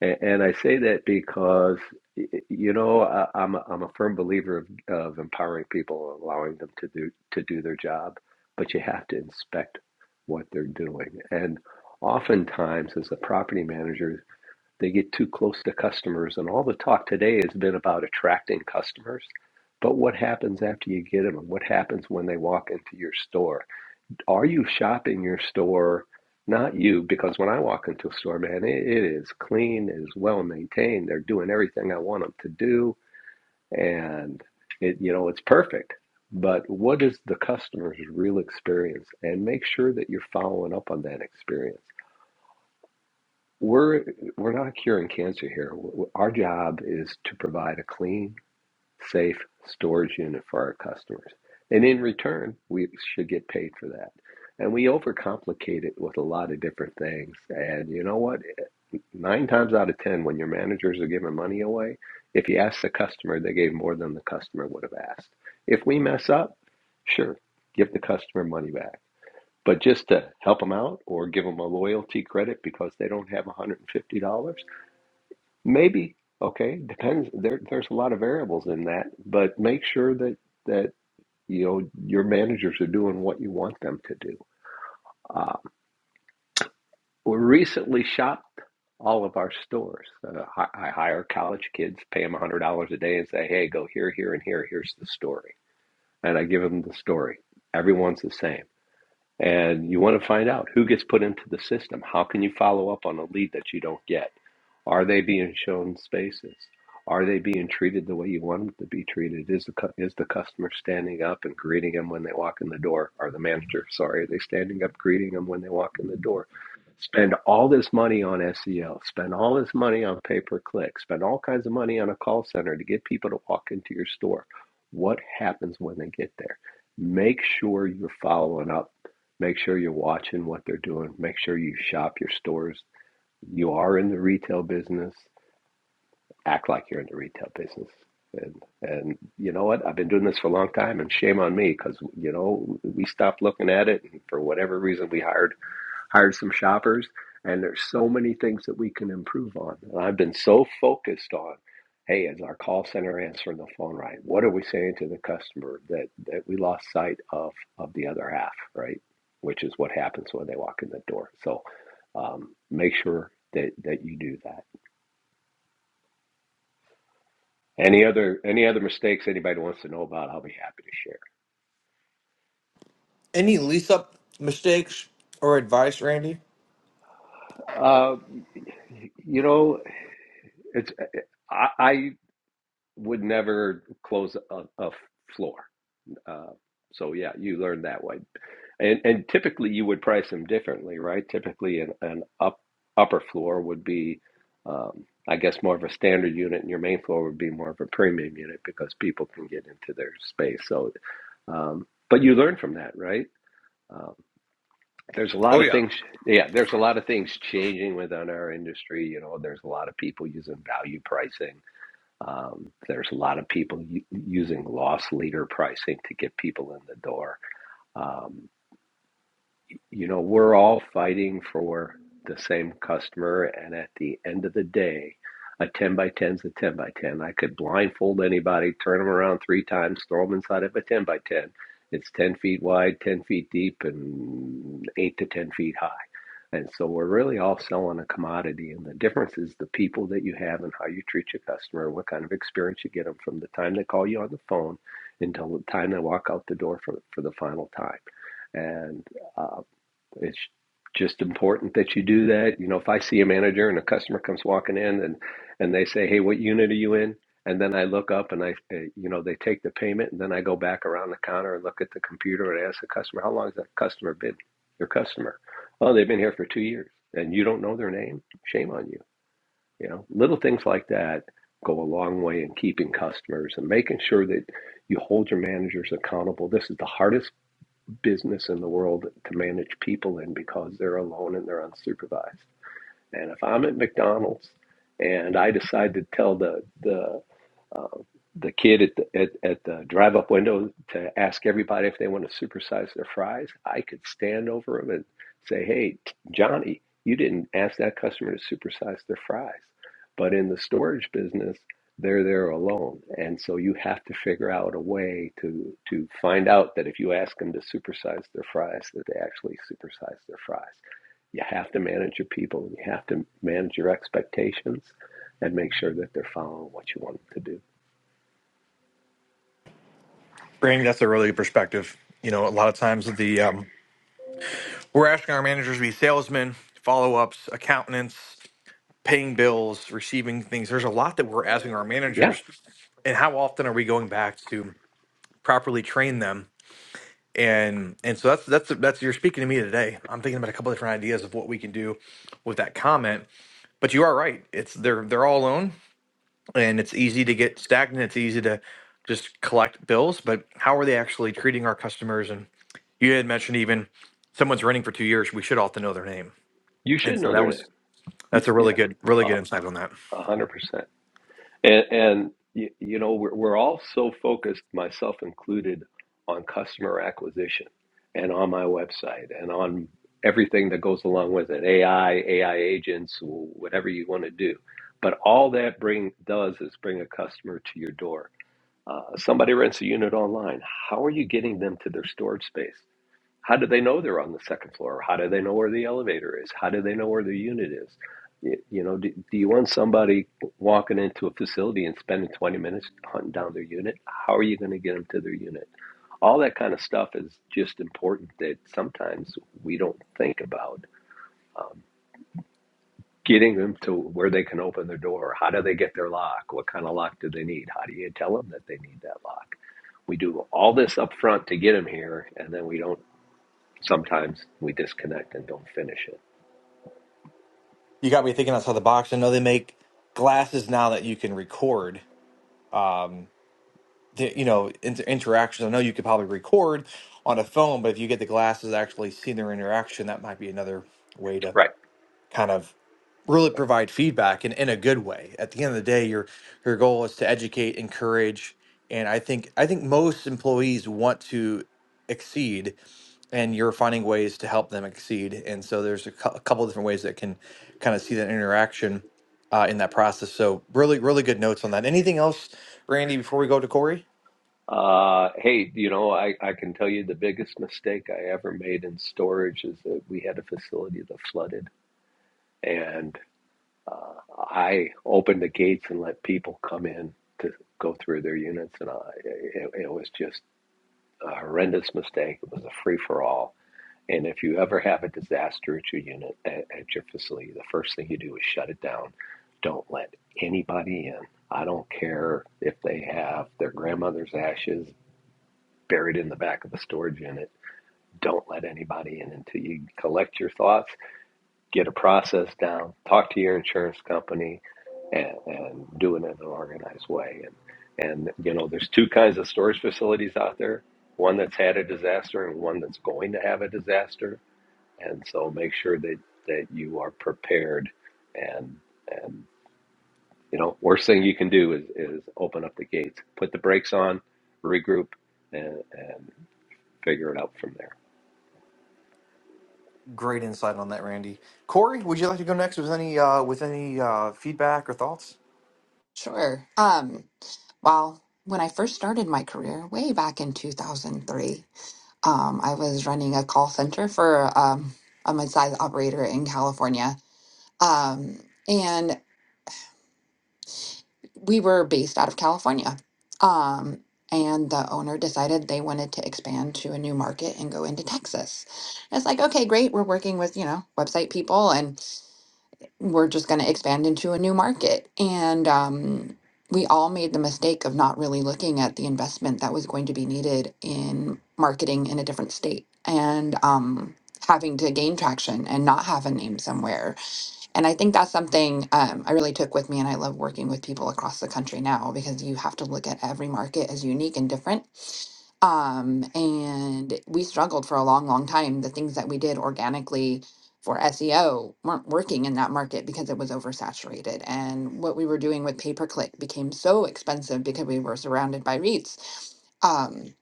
Speaker 3: And, and I say that because, you know, I, I'm, a, I'm a firm believer of, of empowering people, allowing them to do, to do their job, but you have to inspect what they're doing. And oftentimes, as a property manager, they get too close to customers. And all the talk today has been about attracting customers. But what happens after you get them? And what happens when they walk into your store? Are you shopping your store? Not you, because when I walk into a store, man, it, it is clean, it is well maintained. They're doing everything I want them to do, and it, you know, it's perfect. But what is the customer's real experience? And make sure that you're following up on that experience we're we're not curing cancer here. W- Our job is to provide a clean, safe storage unit for our customers, and in return, we should get paid for that. And we overcomplicate it with a lot of different things. And you know what? Nine times out of ten, when your managers are giving money away, if you ask the customer, they gave more than the customer would have asked. If we mess up, sure, give the customer money back. But just to help them out or give them a loyalty credit because they don't have $150, maybe, okay, depends. There, there's a lot of variables in that, but make sure that, that, you know, your managers are doing what you want them to do. Um, we recently shopped all of our stores. Uh, I, I hire college kids, pay them $100 a day and say, hey, go here, here, and here. Here's the story. And I give them the story. Everyone's the same And you want to find out who gets put into the system. How can you follow up on a lead that you don't get? Are they being shown spaces? Are they being treated the way you want them to be treated? Is the cu- is the customer standing up and greeting them when they walk in the door? Are the manager sorry? Are they standing up greeting them when they walk in the door? Spend all this money on SEO. Spend all this money on pay per click. Spend all kinds of money on a call center to get people to walk into your store. What happens when they get there? Make sure you're following up Make sure you're watching what they're doing. Make sure you shop your stores. You are in the retail business. Act like you're in the retail business. And and you know what? I've been doing this for a long time, and shame on me because you know we stopped looking at it, and for whatever reason, we hired hired some shoppers, and there's so many things that we can improve on. And I've been so focused on, hey, is our call center answering the phone right? What are we saying to the customer that that we lost sight of of the other half, right? Which is what happens when they walk in the door. So um, make sure that that you do that. Any other any other mistakes anybody wants to know about? I'll be happy to share.
Speaker 4: Any lease up mistakes or advice, Randy?
Speaker 3: Uh, you know, it's I, I would never close a, a floor. Uh, so yeah, you learn that way, and and typically you would price them differently, right? Typically, an, an up upper floor would be, um, I guess, more of a standard unit, and your main floor would be more of a premium unit because people can get into their space. So, um, but you learn from that, right? Um, there's a
Speaker 4: Oh
Speaker 3: lot of
Speaker 4: yeah.
Speaker 3: things, yeah. There's a lot of things changing within our industry. You know, there's a lot of people using value pricing. Um, there's a lot of people u- using loss leader pricing to get people in the door um, you know, we're all fighting for the same customer. And at the end of the day, a 10 by 10 is a 10 by 10. I could blindfold anybody, turn them around three times, throw them inside of a 10 by 10. It's 10 feet wide, 10 feet deep, and 8 to 10 feet high. And so we're really all selling a commodity. And the difference is the people that you have and how you treat your customer, what kind of experience you get them from the time they call you on the phone until the time they walk out the door for, for the final time. And uh, it's just important that you do that. You know, if I see a manager and a customer comes walking in and and they say, "Hey, what unit are you in?" and then I look up and I, uh, you know, they take the payment and then I go back around the counter and look at the computer and ask the customer, "How long has that customer been your customer?" "Oh, they've been here for two years." And you don't know their name? Shame on you. You know, little things like that go a long way in keeping customers and making sure that you hold your managers accountable. This is the hardest business in the world to manage people in because they're alone and they're unsupervised. And if I'm at McDonald's and I decide to tell the the uh, the kid at the at, at the drive up window to ask everybody if they want to supersize their fries, I could stand over them and say, "Hey, Johnny, you didn't ask that customer to supersize their fries." But in the storage business, they're there alone, and so you have to figure out a way to to find out that if you ask them to supersize their fries, that they actually supersize their fries. You have to manage your people. You have to manage your expectations, and make sure that they're following what you want them to do.
Speaker 4: Randy, that's a really good perspective. You know, a lot of times the um, we're asking our managers to be salesmen, follow ups, accountants. paying bills, receiving things. There's a lot that we're asking our
Speaker 3: Yeah,
Speaker 4: managers, and how often are we going back to properly train them? And and so that's that's that's you're speaking to me today. I'm thinking about a couple different ideas of what we can do with that comment. But you are right. It's they're they're all alone, and it's easy to get stagnant. It's easy to just collect bills. But how are they actually treating our customers? And you had mentioned even someone's running for two years. We should all have to know their name.
Speaker 3: you
Speaker 4: And
Speaker 3: should
Speaker 4: so
Speaker 3: know
Speaker 4: that
Speaker 3: their name.
Speaker 4: was
Speaker 3: You-
Speaker 4: that's a really
Speaker 3: Yeah,
Speaker 4: good really good
Speaker 3: uh,
Speaker 4: insight on that.
Speaker 3: a hundred percent. And, and you, you know, we're, we're all so focused, myself included, on customer acquisition and on my website and on everything that goes along with it, AI, AI agents, whatever you want to do. But all that bring does is bring a customer to your door. Uh, somebody rents a unit online. How are you getting them to their storage space? How do they know they're on the second floor? How do they know where the elevator is? How do they know where the unit is? Y- You know, do, do you want somebody walking into a facility and spending 20 minutes hunting down their unit? How are you going to get them to their unit? All that kind of stuff is just important that sometimes we don't think about. Um, getting them to where they can open their door. How do they get their lock? What kind of lock do they need? How do you tell them that they need that lock? We do all this up front to get them here, and then we don't sometimes we disconnect and don't finish it.
Speaker 4: you got me thinking outside the box. I know they make glasses now that you can record, um, the, you know, inter- interactions. I know you could probably record on a phone, but if you get the glasses to actually see their interaction, that might be another way to
Speaker 3: Right.
Speaker 4: kind of really
Speaker 3: Right.
Speaker 4: provide feedback in, in a good way. At the end of the day, your your goal is to educate, encourage, and I think I think most employees want to exceed, and you're finding ways to help them exceed. And so there's a, cou- a couple different ways that can kind of see that interaction uh, in that process. So really, really good notes on that. Anything else, Randy? Before we go to Corey,
Speaker 3: Uh, hey, you know, I, I can tell you the biggest mistake I ever made in storage is that we had a facility that flooded, and uh, I opened the gates and let people come in to go through their units, and I, it, it was just a horrendous mistake. It was a free for all And if you ever have a disaster at your unit, at, at your facility, the first thing you do is shut it down. Don't let anybody in. I don't care if they have their grandmother's ashes buried in the back of a storage unit. Don't let anybody in until you collect your thoughts, get a process down, talk to your insurance company, and, and do it in an organized way. And, and, you know, there's two kinds of storage facilities out there one that's had a disaster and one that's going to have a disaster and so make sure that that you are prepared and and you know worst thing you can do is is open up the gates put the brakes on regroup and and figure it out from there
Speaker 4: great insight on that, Randy. Corey, would you like to go next with any uh, with any uh, feedback or thoughts?
Speaker 2: Sure. Um, well, when I first started my career, way back in 2003. um, I was running a call center for um, a mid-sized operator in California. Um, and we were based out of California. Um, and the owner decided they wanted to expand to a new market and go into Texas. And it's like, okay, great. We're working with, you know, website people. we're just going to expand into a new market. And um, we all made the mistake of not really looking at the investment that was going to be needed in marketing in a different state and um, having to gain traction and not have a name somewhere and I think that's something um, I really took with me, and I love working with people across the country now because you have to look at every market as unique and different. Um, and we struggled for a long, long time. The things that we did organically for SEO weren't working in that market because it was oversaturated. And what we were doing with pay per click became so expensive because we were surrounded by REITs. Um,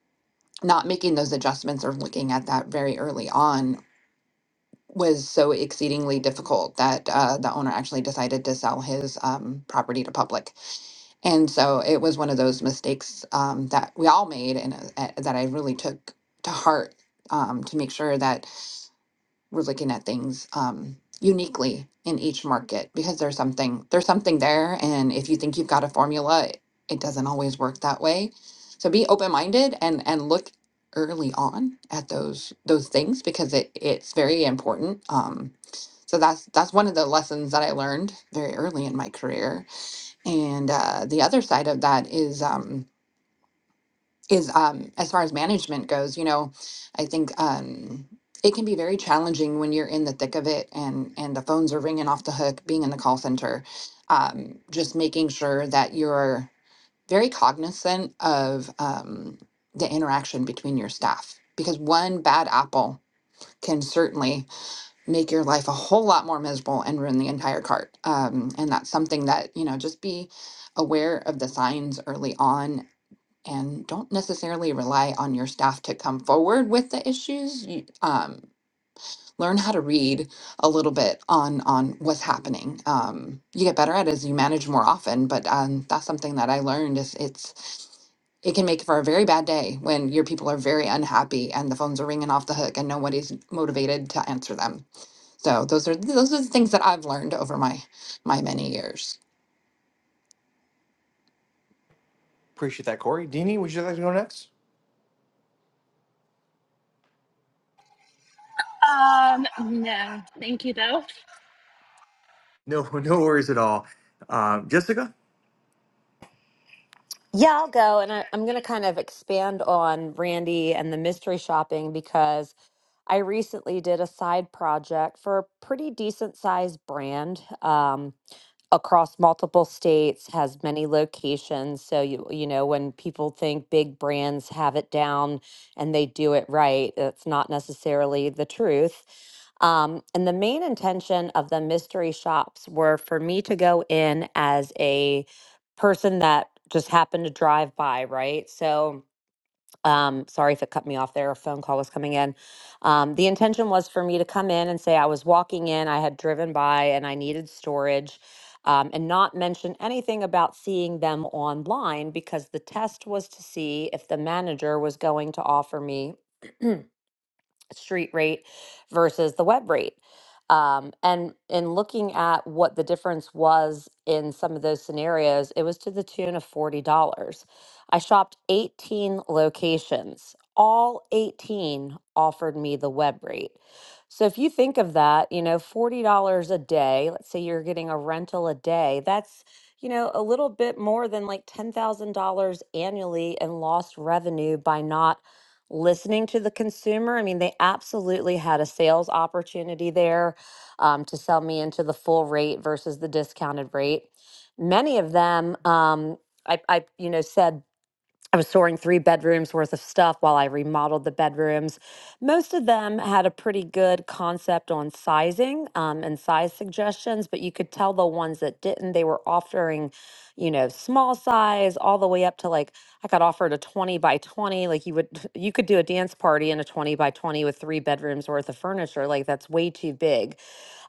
Speaker 2: not making those adjustments or looking at that very early on was so exceedingly difficult that uh, the owner actually decided to sell his um, property to public. And so it was one of those mistakes um, that we all made and uh, uh, that I really took to heart um, to make sure that we're looking at things um, uniquely in each market because there's something there's something there and if you think you've got a formula it doesn't always work that way so be open-minded and and look early on at those those things because it it's very important um so that's that's one of the lessons that I learned very early in my career. And uh, the other side of that is um, is um, as far as management goes, you know, I think um, it can be very challenging when you're in the thick of it and and the phones are ringing off the hook. Being in the call center, um, just making sure that you're very cognizant of um, the interaction between your staff because one bad apple can certainly make your life a whole lot more miserable and ruin the entire cart. Um, and that's something that, you know, just be aware of the signs early on and don't necessarily rely on your staff to come forward with the issues. You, um, learn how to read a little bit on on what's happening. Um, you get better at it as you manage more often, but um, that's something that I learned is it's it can make for a very bad day when your people are very unhappy and the phones are ringing off the hook and nobody's motivated to answer them. So those are those are the things that I've learned over my my many years.
Speaker 4: Appreciate that, Corey. Dini, would you like to go next?
Speaker 6: No, thank you though.
Speaker 4: No, no worries at all. Um, Jessica?
Speaker 7: Yeah, I'll go. And I, I'm going to kind of expand on Randy and the mystery shopping because I recently did a side project for a pretty decent sized brand um, across multiple states, has many locations. So, you, you know, when people think big brands have it down and they do it right, that's not necessarily the truth. Um, and the main intention of the mystery shops were for me to go in as a person that just happened to drive by, right? So, um, sorry if it cut me off there. A phone call was coming in. Um, the intention was for me to come in and say I was walking in, I had driven by, and I needed storage, um, and not mention anything about seeing them online because the test was to see if the manager was going to offer me street rate versus the web rate. Um, and in looking at what the difference was in some of those scenarios, it was to the tune of $40. I shopped 18 locations. All 18 offered me the web rate. So if you think of that, you know, $40 a day, let's say you're getting a rental a day, that's, you know, a little bit more than like $10,000 annually in lost revenue by not listening to the consumer. I mean, they absolutely had a sales opportunity there um, to sell me into the full rate versus the discounted rate. Many of them, um, I, I, you know, said I was storing three bedrooms worth of stuff while I remodeled the bedrooms. Most of them had a pretty good concept on sizing um, and size suggestions, but you could tell the ones that didn't, they were offering, you know, small size all the way up to like I got offered a 20 by 20. Like you would, you could do a dance party in a 20 by 20 with three bedrooms worth of furniture. Like that's way too big.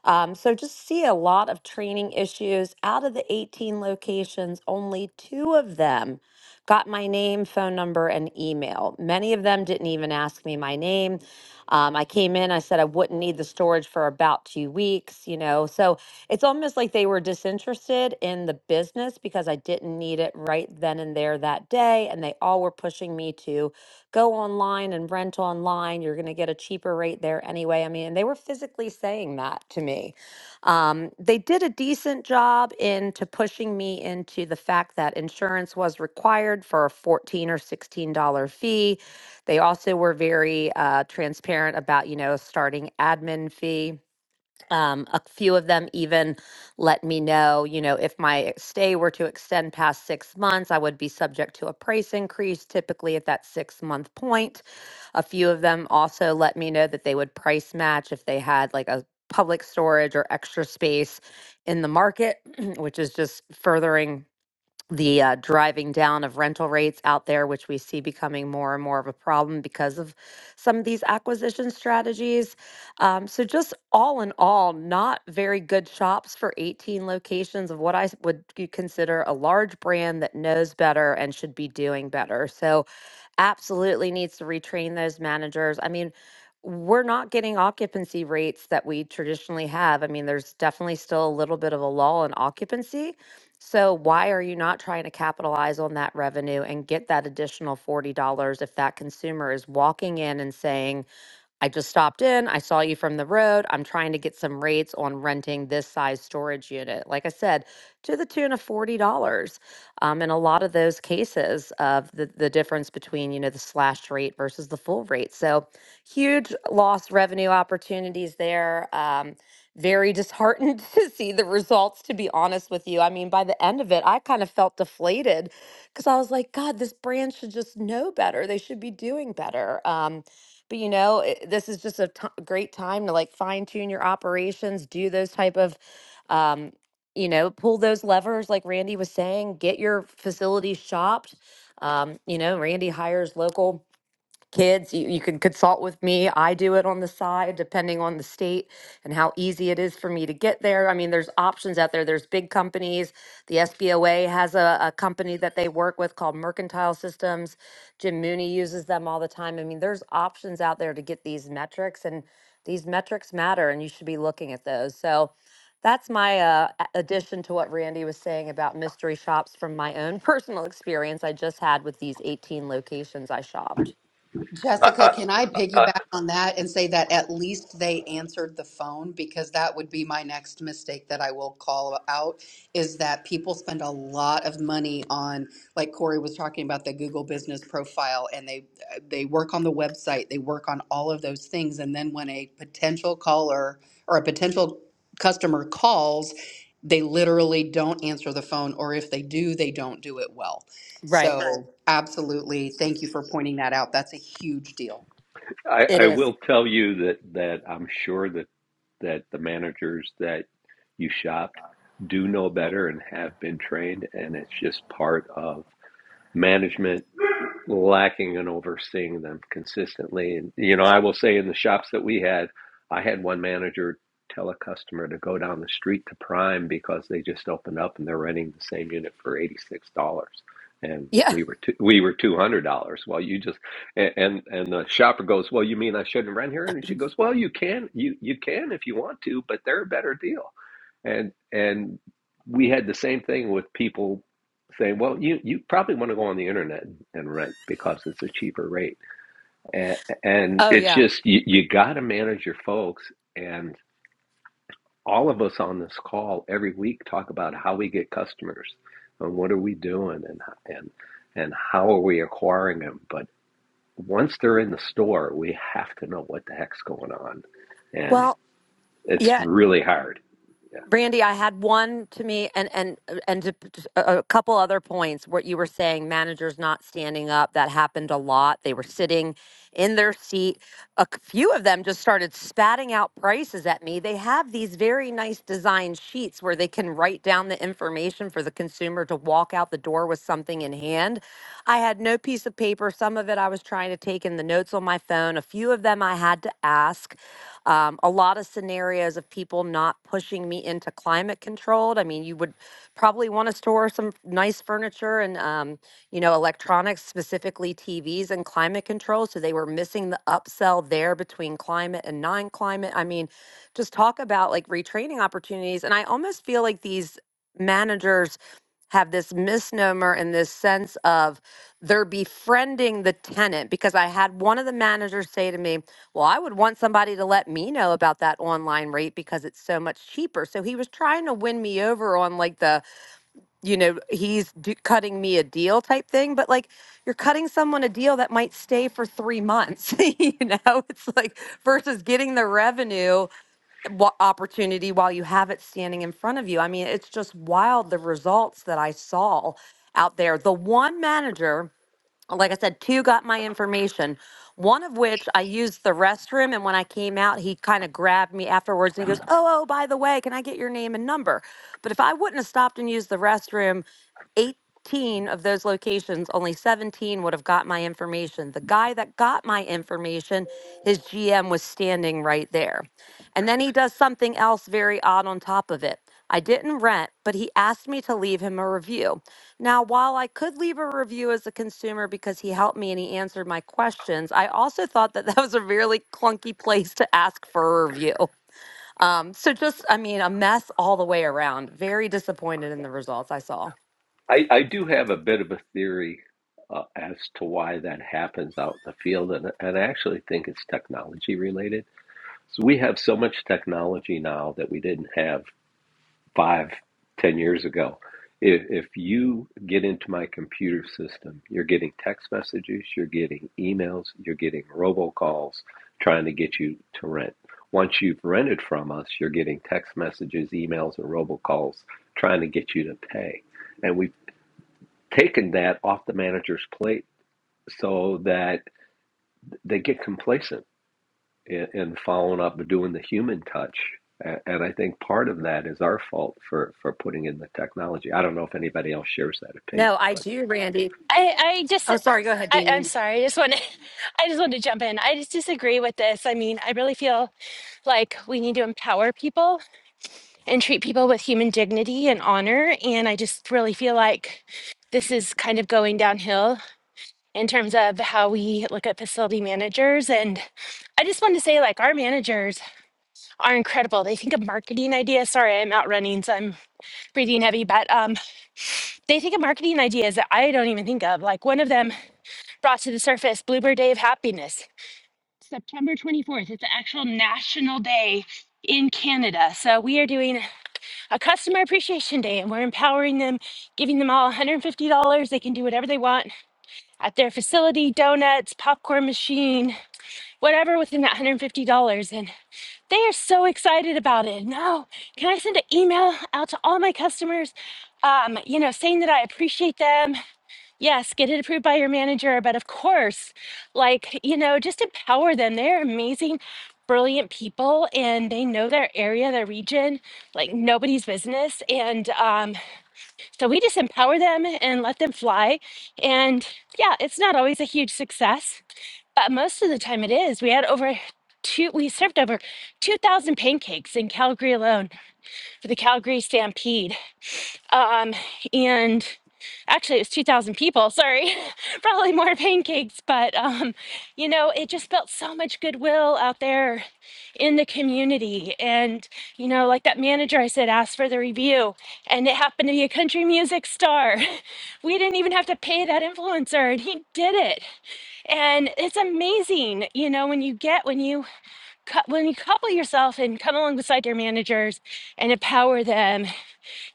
Speaker 7: Um, so just see a lot of training issues out of the 18 locations, only two of them Got my name, phone number, and email. Many of them didn't even ask me my name. Um, I came in, I said I wouldn't need the storage for about two weeks, you know. So it's almost like they were disinterested in the business because I didn't need it right then and there that day. And they all were pushing me to go online and rent online. You're going to get a cheaper rate there anyway. I mean, and they were physically saying that to me. Um, they did a decent job into pushing me into the fact that insurance was required for a fourteen or sixteen dollar fee. They also were very uh, transparent about you know starting admin fee. Um, a few of them even let me know, you know, if my stay were to extend past six months, I would be subject to a price increase typically at that six month point. A few of them also let me know that they would price match if they had like a public storage or extra space in the market, which is just furthering the uh, driving down of rental rates out there, which we see becoming more and more of a problem because of some of these acquisition strategies. Um, so, just all in all, not very good shops for 18 locations of what I s- would c- consider a large brand that knows better and should be doing better. So, absolutely needs to retrain those managers. I mean, we're not getting occupancy rates that we traditionally have. I mean, there's definitely still a little bit of a lull in occupancy. So, why are you not trying to capitalize on that revenue and get that additional $40 if that consumer is walking in and saying, I just stopped in. I saw you from the road. I'm trying to get some rates on renting this size storage unit. Like I said, to the tune of $40. Um, in a lot of those cases of the, the difference between, you know, the slashed rate versus the full rate. So huge lost revenue opportunities there. Um, very disheartened to see the results, to be honest with you. I mean, by the end of it, I kind of felt deflated because I was like, God, this brand should just know better. They should be doing better. Um, but you know, it, this is just a t- great time to like fine tune your operations, do those type of, um, you know, pull those levers like Randy was saying, get your facilities shopped. Um, you know, Randy hires local kids. You, you can consult with me. I do it on the side, depending on the state and how easy it is for me to get there. I mean, there's options out there. There's big companies. The SBOA has a, a company that they work with called Mercantile Systems. Jim Mooney uses them all the time. I mean, there's options out there to get these metrics, and these metrics matter, and you should be looking at those. So that's my uh, a- addition to what Randy was saying about mystery shops from my own personal experience I just had with these 18 locations I shopped.
Speaker 3: i
Speaker 1: Jessica,
Speaker 3: i,
Speaker 1: can I
Speaker 3: I
Speaker 1: piggyback on that and say that at least they answered the phone? Because that would be my next mistake that I will call out is that people spend a lot of money on, like Corey was talking about, the Google business profile, and they they work on the website, they work on all of those things, and then when a potential caller or a potential customer calls, they literally don't answer the phone, or if they do, they don't do it well.
Speaker 7: Right.
Speaker 1: So absolutely, thank you for pointing that out. That's a huge deal.
Speaker 3: I
Speaker 7: It
Speaker 3: I
Speaker 7: is.
Speaker 3: will tell you that that i'm sure that that the managers that you shopped do know better and have been trained and it's just part of management lacking in overseeing them consistently. And you know, I will say in the shops that we had, I had one manager tell a customer to go down the street to Prime because they just opened up and they're renting the same unit for eighty six dollars, and
Speaker 7: Yeah.
Speaker 3: we were two, we were two hundred dollars. Well, you just and, and and the shopper goes, well, you mean I shouldn't rent here? And she goes, well, you can you you can if you want to, but they're a better deal and and we had the same thing with people saying, "Well, you you probably want to go on the internet and rent because it's a cheaper rate." And, and
Speaker 7: Oh,
Speaker 3: it's
Speaker 7: yeah.
Speaker 3: just you, you got to manage your folks. And all of us on this call every week talk about how we get customers and what are we doing and and and how are we acquiring them. But once they're in the store, we have to know what the heck's going on, and
Speaker 7: Well,
Speaker 3: it's
Speaker 7: yeah.
Speaker 3: really hard.
Speaker 7: Brandy, I had one to me and and uh, and to, a a couple other points what you were saying managers not standing up that happened a lot. They were sitting in their seat. A c- few of them just started spatting out prices at me. They have these very nice design sheets where they can write down the information for the consumer to walk out the door with something in hand. I had no piece of paper. Some of it I was trying to take in the notes on my phone. A few of them I had to ask. Um, a lot of scenarios of people not pushing me into climate controlled. I mean, you would probably want to store some nice furniture and, um, you know, electronics, specifically TVs and climate control. So they were missing the upsell there between climate and non climate. I mean, just talk about like retraining opportunities. And I almost feel like these managers have this misnomer and this sense of they're befriending the tenant because I had one of the managers say to me, Well, I would want somebody to let me know about that online rate because it's so much cheaper. So he was trying to win me over on like the, you know, he's d- cutting me a deal type thing. But like you're cutting someone a deal that might stay for three months, you know, it's like versus getting the revenue wa- opportunity while you have it standing in front of you. I mean, it's just wild the results that I saw out there. The one manager like I said, two got my information. One of which I used the restroom, and when I came out, he kind of grabbed me afterwards and he goes, "Oh, oh, by the way, can I get your name and number?" But if I wouldn't have stopped and used the restroom, 18 of those locations, only 17 would have got my information. The guy that got my information, his GM was standing right there. And then he does something else very odd on top of it. I didn't rent, but he asked me to leave him a review. Now, while I could leave a review as a consumer because he helped me and he answered my questions, I also thought that that was a really clunky place to ask for a review. Um, so, just, I mean, a mess all the way around. Very disappointed in the results I saw.
Speaker 3: I, I do have a bit of a theory uh, as to why that happens out in the field, and, and I actually think it's technology related. So we have so much technology now that we didn't have five, ten years ago. If, if you get into my computer system, you're getting text messages, you're getting emails, you're getting robocalls trying to get you to rent. Once you've rented from us, you're getting text messages, emails, and robocalls trying to get you to pay and we taken that off the manager's plate so that they get complacent in, in following up and doing the human touch. A- And I think part of that is our fault for, for putting in the technology. I don't know if anybody else shares that opinion,
Speaker 7: No, I
Speaker 3: but
Speaker 7: do.
Speaker 6: I, I just,
Speaker 7: Oh, sorry. Go
Speaker 6: I, I'm
Speaker 7: ahead.
Speaker 6: sorry. I just want to, I just want to jump in. I just disagree with this. I mean, I really feel like we need to empower people and treat people with human dignity and honor. And I just really feel like this is kind of going downhill in terms of how we look at facility managers. And I just want to say, like, our managers are incredible. They think of marketing ideas. Sorry, I'm out running, so I'm breathing heavy, but um, they think of marketing ideas that I don't even think of. Like, one of them brought to the surface Bluebird Day of Happiness, September 24th. It's an actual national day in Canada. So we are doing a customer appreciation day and we're empowering them, giving them all $150. They can do whatever they want at their facility, donuts, popcorn machine, whatever within that $150 and they are so excited about it no can i send an email out to all my customers um, you know saying that i appreciate them yes get it approved by your manager but of course like you know just empower them they're amazing brilliant people and they know their area their region like nobody's business and um, so we just empower them and let them fly and yeah it's not always a huge success but most of the time it is. We had over two, we served over 2,000 pancakes in Calgary alone for the Calgary Stampede. Um, and actually, it was 2,000 people, sorry, probably more pancakes, but um, you know, it just felt so much goodwill out there in the community. And, you know, like that manager I said asked for the review, and it happened to be a country music star. We didn't even have to pay that influencer, and he did it and it's amazing you know when you get when you cou- when you couple yourself and come along beside your managers and empower them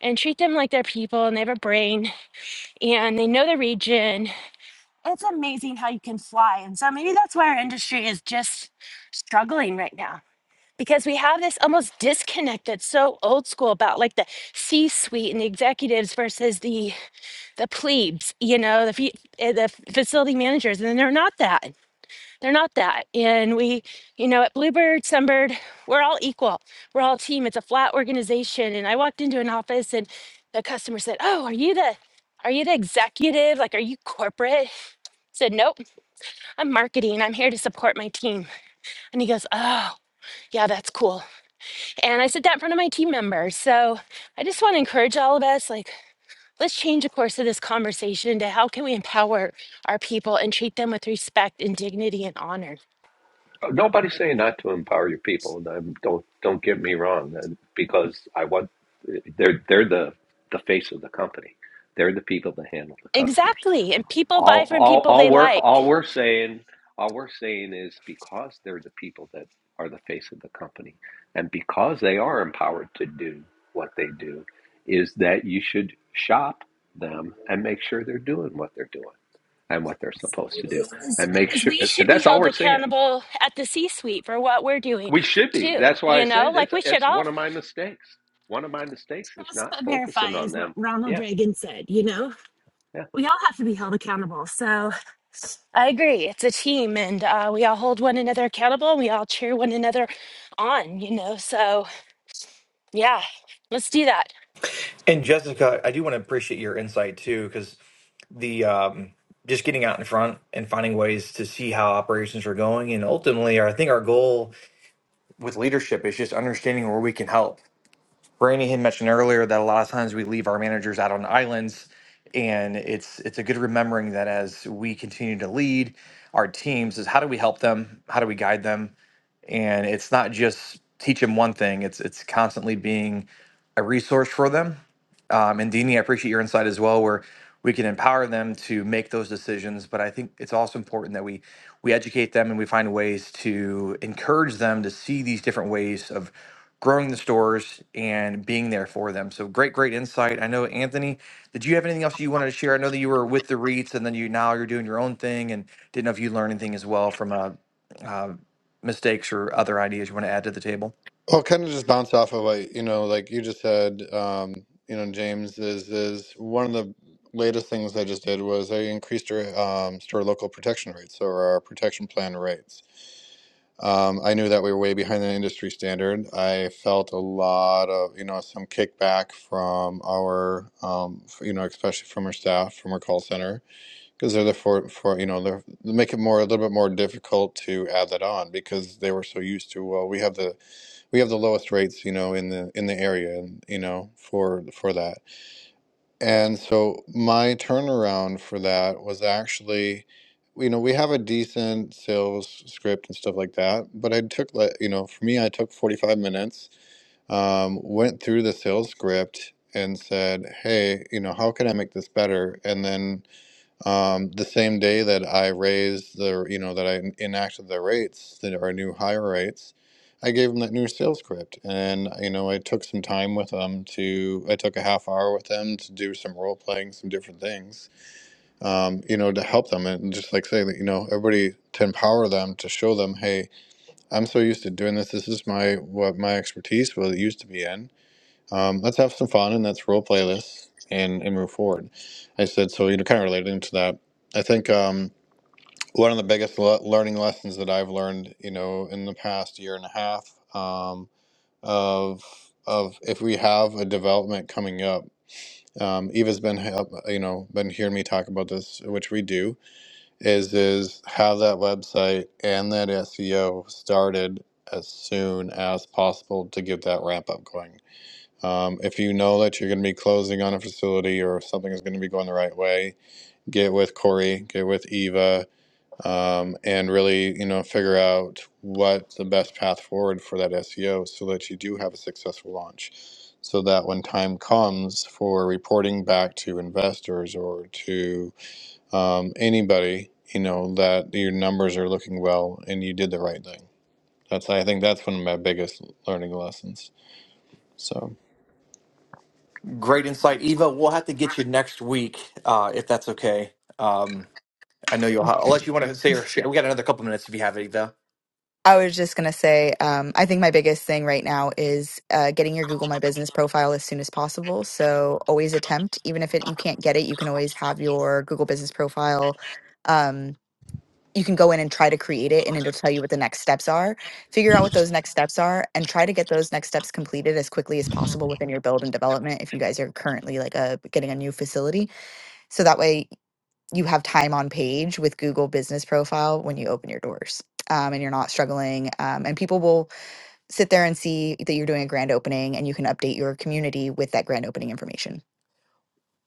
Speaker 6: and treat them like they're people and they have a brain and they know the region it's amazing how you can fly and so maybe that's why our industry is just struggling right now because we have this almost disconnect that's so old school about like the c-suite and the executives versus the the plebes you know the fe- eh, the facility managers and they're not that they're not that. And we, you know, at Bluebird, Sunbird, we're all equal. We're all a team. It's a flat organization. And I walked into an office and the customer said, Oh, are you the are you the executive? Like, are you corporate? I said, Nope, I'm marketing. I'm here to support my team. And he goes, Oh, yeah, that's cool. And I said that in front of my team members. So I just want to encourage all of us like, let's change the course of this conversation to how can we empower our people and treat them with respect and dignity and honor
Speaker 3: nobody's saying not to empower your people. And I'm, don't don't get me wrong, and because I want they're they're the the face of the company. They're the people that handle the customers.
Speaker 6: Exactly. And people buy
Speaker 3: All,
Speaker 6: from
Speaker 3: all,
Speaker 6: people
Speaker 3: all
Speaker 6: they
Speaker 3: we're all
Speaker 6: like.
Speaker 3: we're saying, all we're saying is because they're the people that are the face of the company, and because they are empowered to do what they do, is that you should shop them and make sure they're doing what they're doing and what they're supposed to do,
Speaker 6: Absolutely.
Speaker 3: and make
Speaker 6: Because
Speaker 3: sure
Speaker 6: we should be
Speaker 3: that's all
Speaker 6: held
Speaker 3: we're saying.
Speaker 6: accountable at the C suite for what we're doing
Speaker 3: We should be.
Speaker 6: too.
Speaker 3: That's why I
Speaker 6: You know,
Speaker 3: said
Speaker 6: like
Speaker 3: it's
Speaker 6: we should
Speaker 3: it's
Speaker 6: all
Speaker 3: one of my mistakes. One of my mistakes is
Speaker 6: trust
Speaker 3: not
Speaker 6: but verify
Speaker 3: focusing on
Speaker 6: is what
Speaker 3: them.
Speaker 6: Ronald
Speaker 3: Yeah,
Speaker 6: Reagan said, you know?
Speaker 3: yeah.
Speaker 6: We all have to be held accountable. So I agree. It's a team and uh, we all hold one another accountable and we all cheer one another on, you know? So yeah, let's do that.
Speaker 4: And Jessica, I do want to appreciate your insight too, because the um, just getting out in front and finding ways to see how operations are going, and ultimately, I think our goal with leadership is just understanding where we can help. Rainey had mentioned earlier that a lot of times we leave our managers out on islands, and it's it's a good remembering that as we continue to lead our teams, is how do we help them? How do we guide them? And it's not just teach them one thing; it's it's constantly being a resource for them um, and Dini, I appreciate your insight as well, where we can empower them to make those decisions. But I think it's also important that we we educate them and we find ways to encourage them to see these different ways of growing the stores and being there for them. So great, great insight. I know Anthony, did you have anything else you wanted to share? I know that you were with the REITs and then you now you're doing your own thing and didn't know if you learned anything as well from uh, uh, mistakes or other ideas you want to add to the table.
Speaker 5: Well, kind of just bounce off of what you know, like you just said. Um, you know, James is is one of the latest things I just did was I increased our um, store local protection rates, or our protection plan rates. Um, I knew that we were way behind the industry standard. I felt a lot of you know some kickback from our um, f- you know especially from our staff from our call center because they're the for for you know they're, they make it more a little bit more difficult to add that on because they were so used to well we have the we have the lowest rates, you know, in the in the area, and you know, for for that. And so my turnaround for that was actually, you know, we have a decent sales script and stuff like that, but I took like, you know, for me, I took 45 minutes, um, went through the sales script and said, hey, you know, how can I make this better? And then um, the same day that I raised the, you know, that I en- enacted the rates that are new higher rates, I gave them that new sales script, and uh, you know, I took some time with them to, I took a half hour with them to do some role playing, some different things, um, you know, to help them and just like say that, you know, everybody to empower them to show them, hey, I'm so used to doing this. This is my what my expertise was it used to be in um, let's have some fun and let's role play this and, and move forward. I said, so, you know, kind of relating to that, I think um, one of the biggest le- learning lessons that I've learned, you know, in the past year and a half um, of, of if we have a development coming up, um, Eva's been, help- you know, been hearing me talk about this, which we do, is is have that website and that SEO started as soon as possible to get that ramp up going um, if you know that you're going to be closing on a facility or if something is going to be going the right way, get with Corey, get with Eva, um, and really, you know, figure out what the best path forward for that SEO so that you do have a successful launch. So that when time comes for reporting back to investors or to um, anybody, you know, that your numbers are looking well and you did the right thing. That's, I think that's one of my biggest learning lessons. So.
Speaker 4: Great insight, Eva. We'll have to get you next week uh, if that's okay. Um, I know you'll have, unless you want to say or share. We got another couple minutes if you have it, Eva.
Speaker 8: I was just going to say, um, I think my biggest thing right now is uh, getting your Google My Business profile as soon as possible. So always attempt, even if it, you can't get it, you can always have your Google Business profile. Um, you can go in and try to create it, and it'll tell you what the next steps are. Figure out what those next steps are, and try to get those next steps completed as quickly as possible within your build and development. If you guys are currently like a getting a new facility, so that way you have time on page with Google Business Profile when you open your doors. Um, and you're not struggling. Um, and people will sit there and see that you're doing a grand opening and you can update your community with that grand opening information.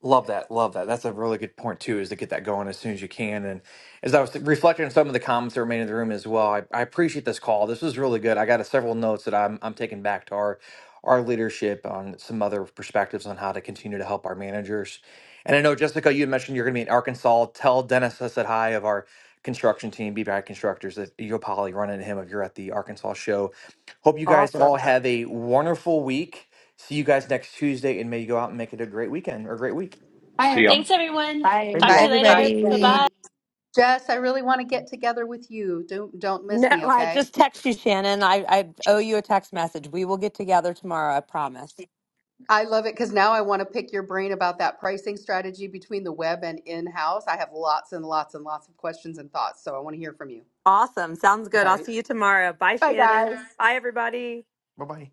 Speaker 4: Love that. Love that. That's a really good point too, is to get that going as soon as you can. And as I was reflecting on some of the comments that were made in the room as well, I, I appreciate this call. This was really good. I got a, several notes that I'm I'm taking back to our our leadership on some other perspectives on how to continue to help our managers. And I know Jessica, you had mentioned you're going to be in Arkansas. Tell Dennis I said hi of our construction team, Be Bad Constructors, that you'll probably run into him if you're at the Arkansas show. Hope you guys all
Speaker 7: Awesome.
Speaker 4: have a wonderful week. See you guys next Tuesday, and may you go out and make it a great weekend or a great week.
Speaker 2: Bye,
Speaker 3: See y'all.
Speaker 2: everyone.
Speaker 6: Thanks, everyone.
Speaker 2: Bye.
Speaker 6: Talk
Speaker 8: Bye,
Speaker 6: to you
Speaker 1: Bye,
Speaker 6: later. Bye bye.
Speaker 8: everybody.
Speaker 1: Jane. Jess, I really want to get together with you. Don't don't miss
Speaker 7: No,
Speaker 1: me,
Speaker 7: I
Speaker 1: okay?
Speaker 7: just text you, Shannon. I, I owe you a text message. We will get together tomorrow. I promise.
Speaker 1: I love it because now I want to pick your brain about that pricing strategy between the web and in-house. I have lots and lots and lots of questions and thoughts, so I want to hear from you.
Speaker 7: Awesome. Sounds good.
Speaker 1: All
Speaker 7: I'll
Speaker 1: right.
Speaker 7: see you tomorrow. Bye,
Speaker 1: Bye,
Speaker 7: Shannon.
Speaker 1: guys.
Speaker 7: Bye, everybody.
Speaker 4: Bye bye.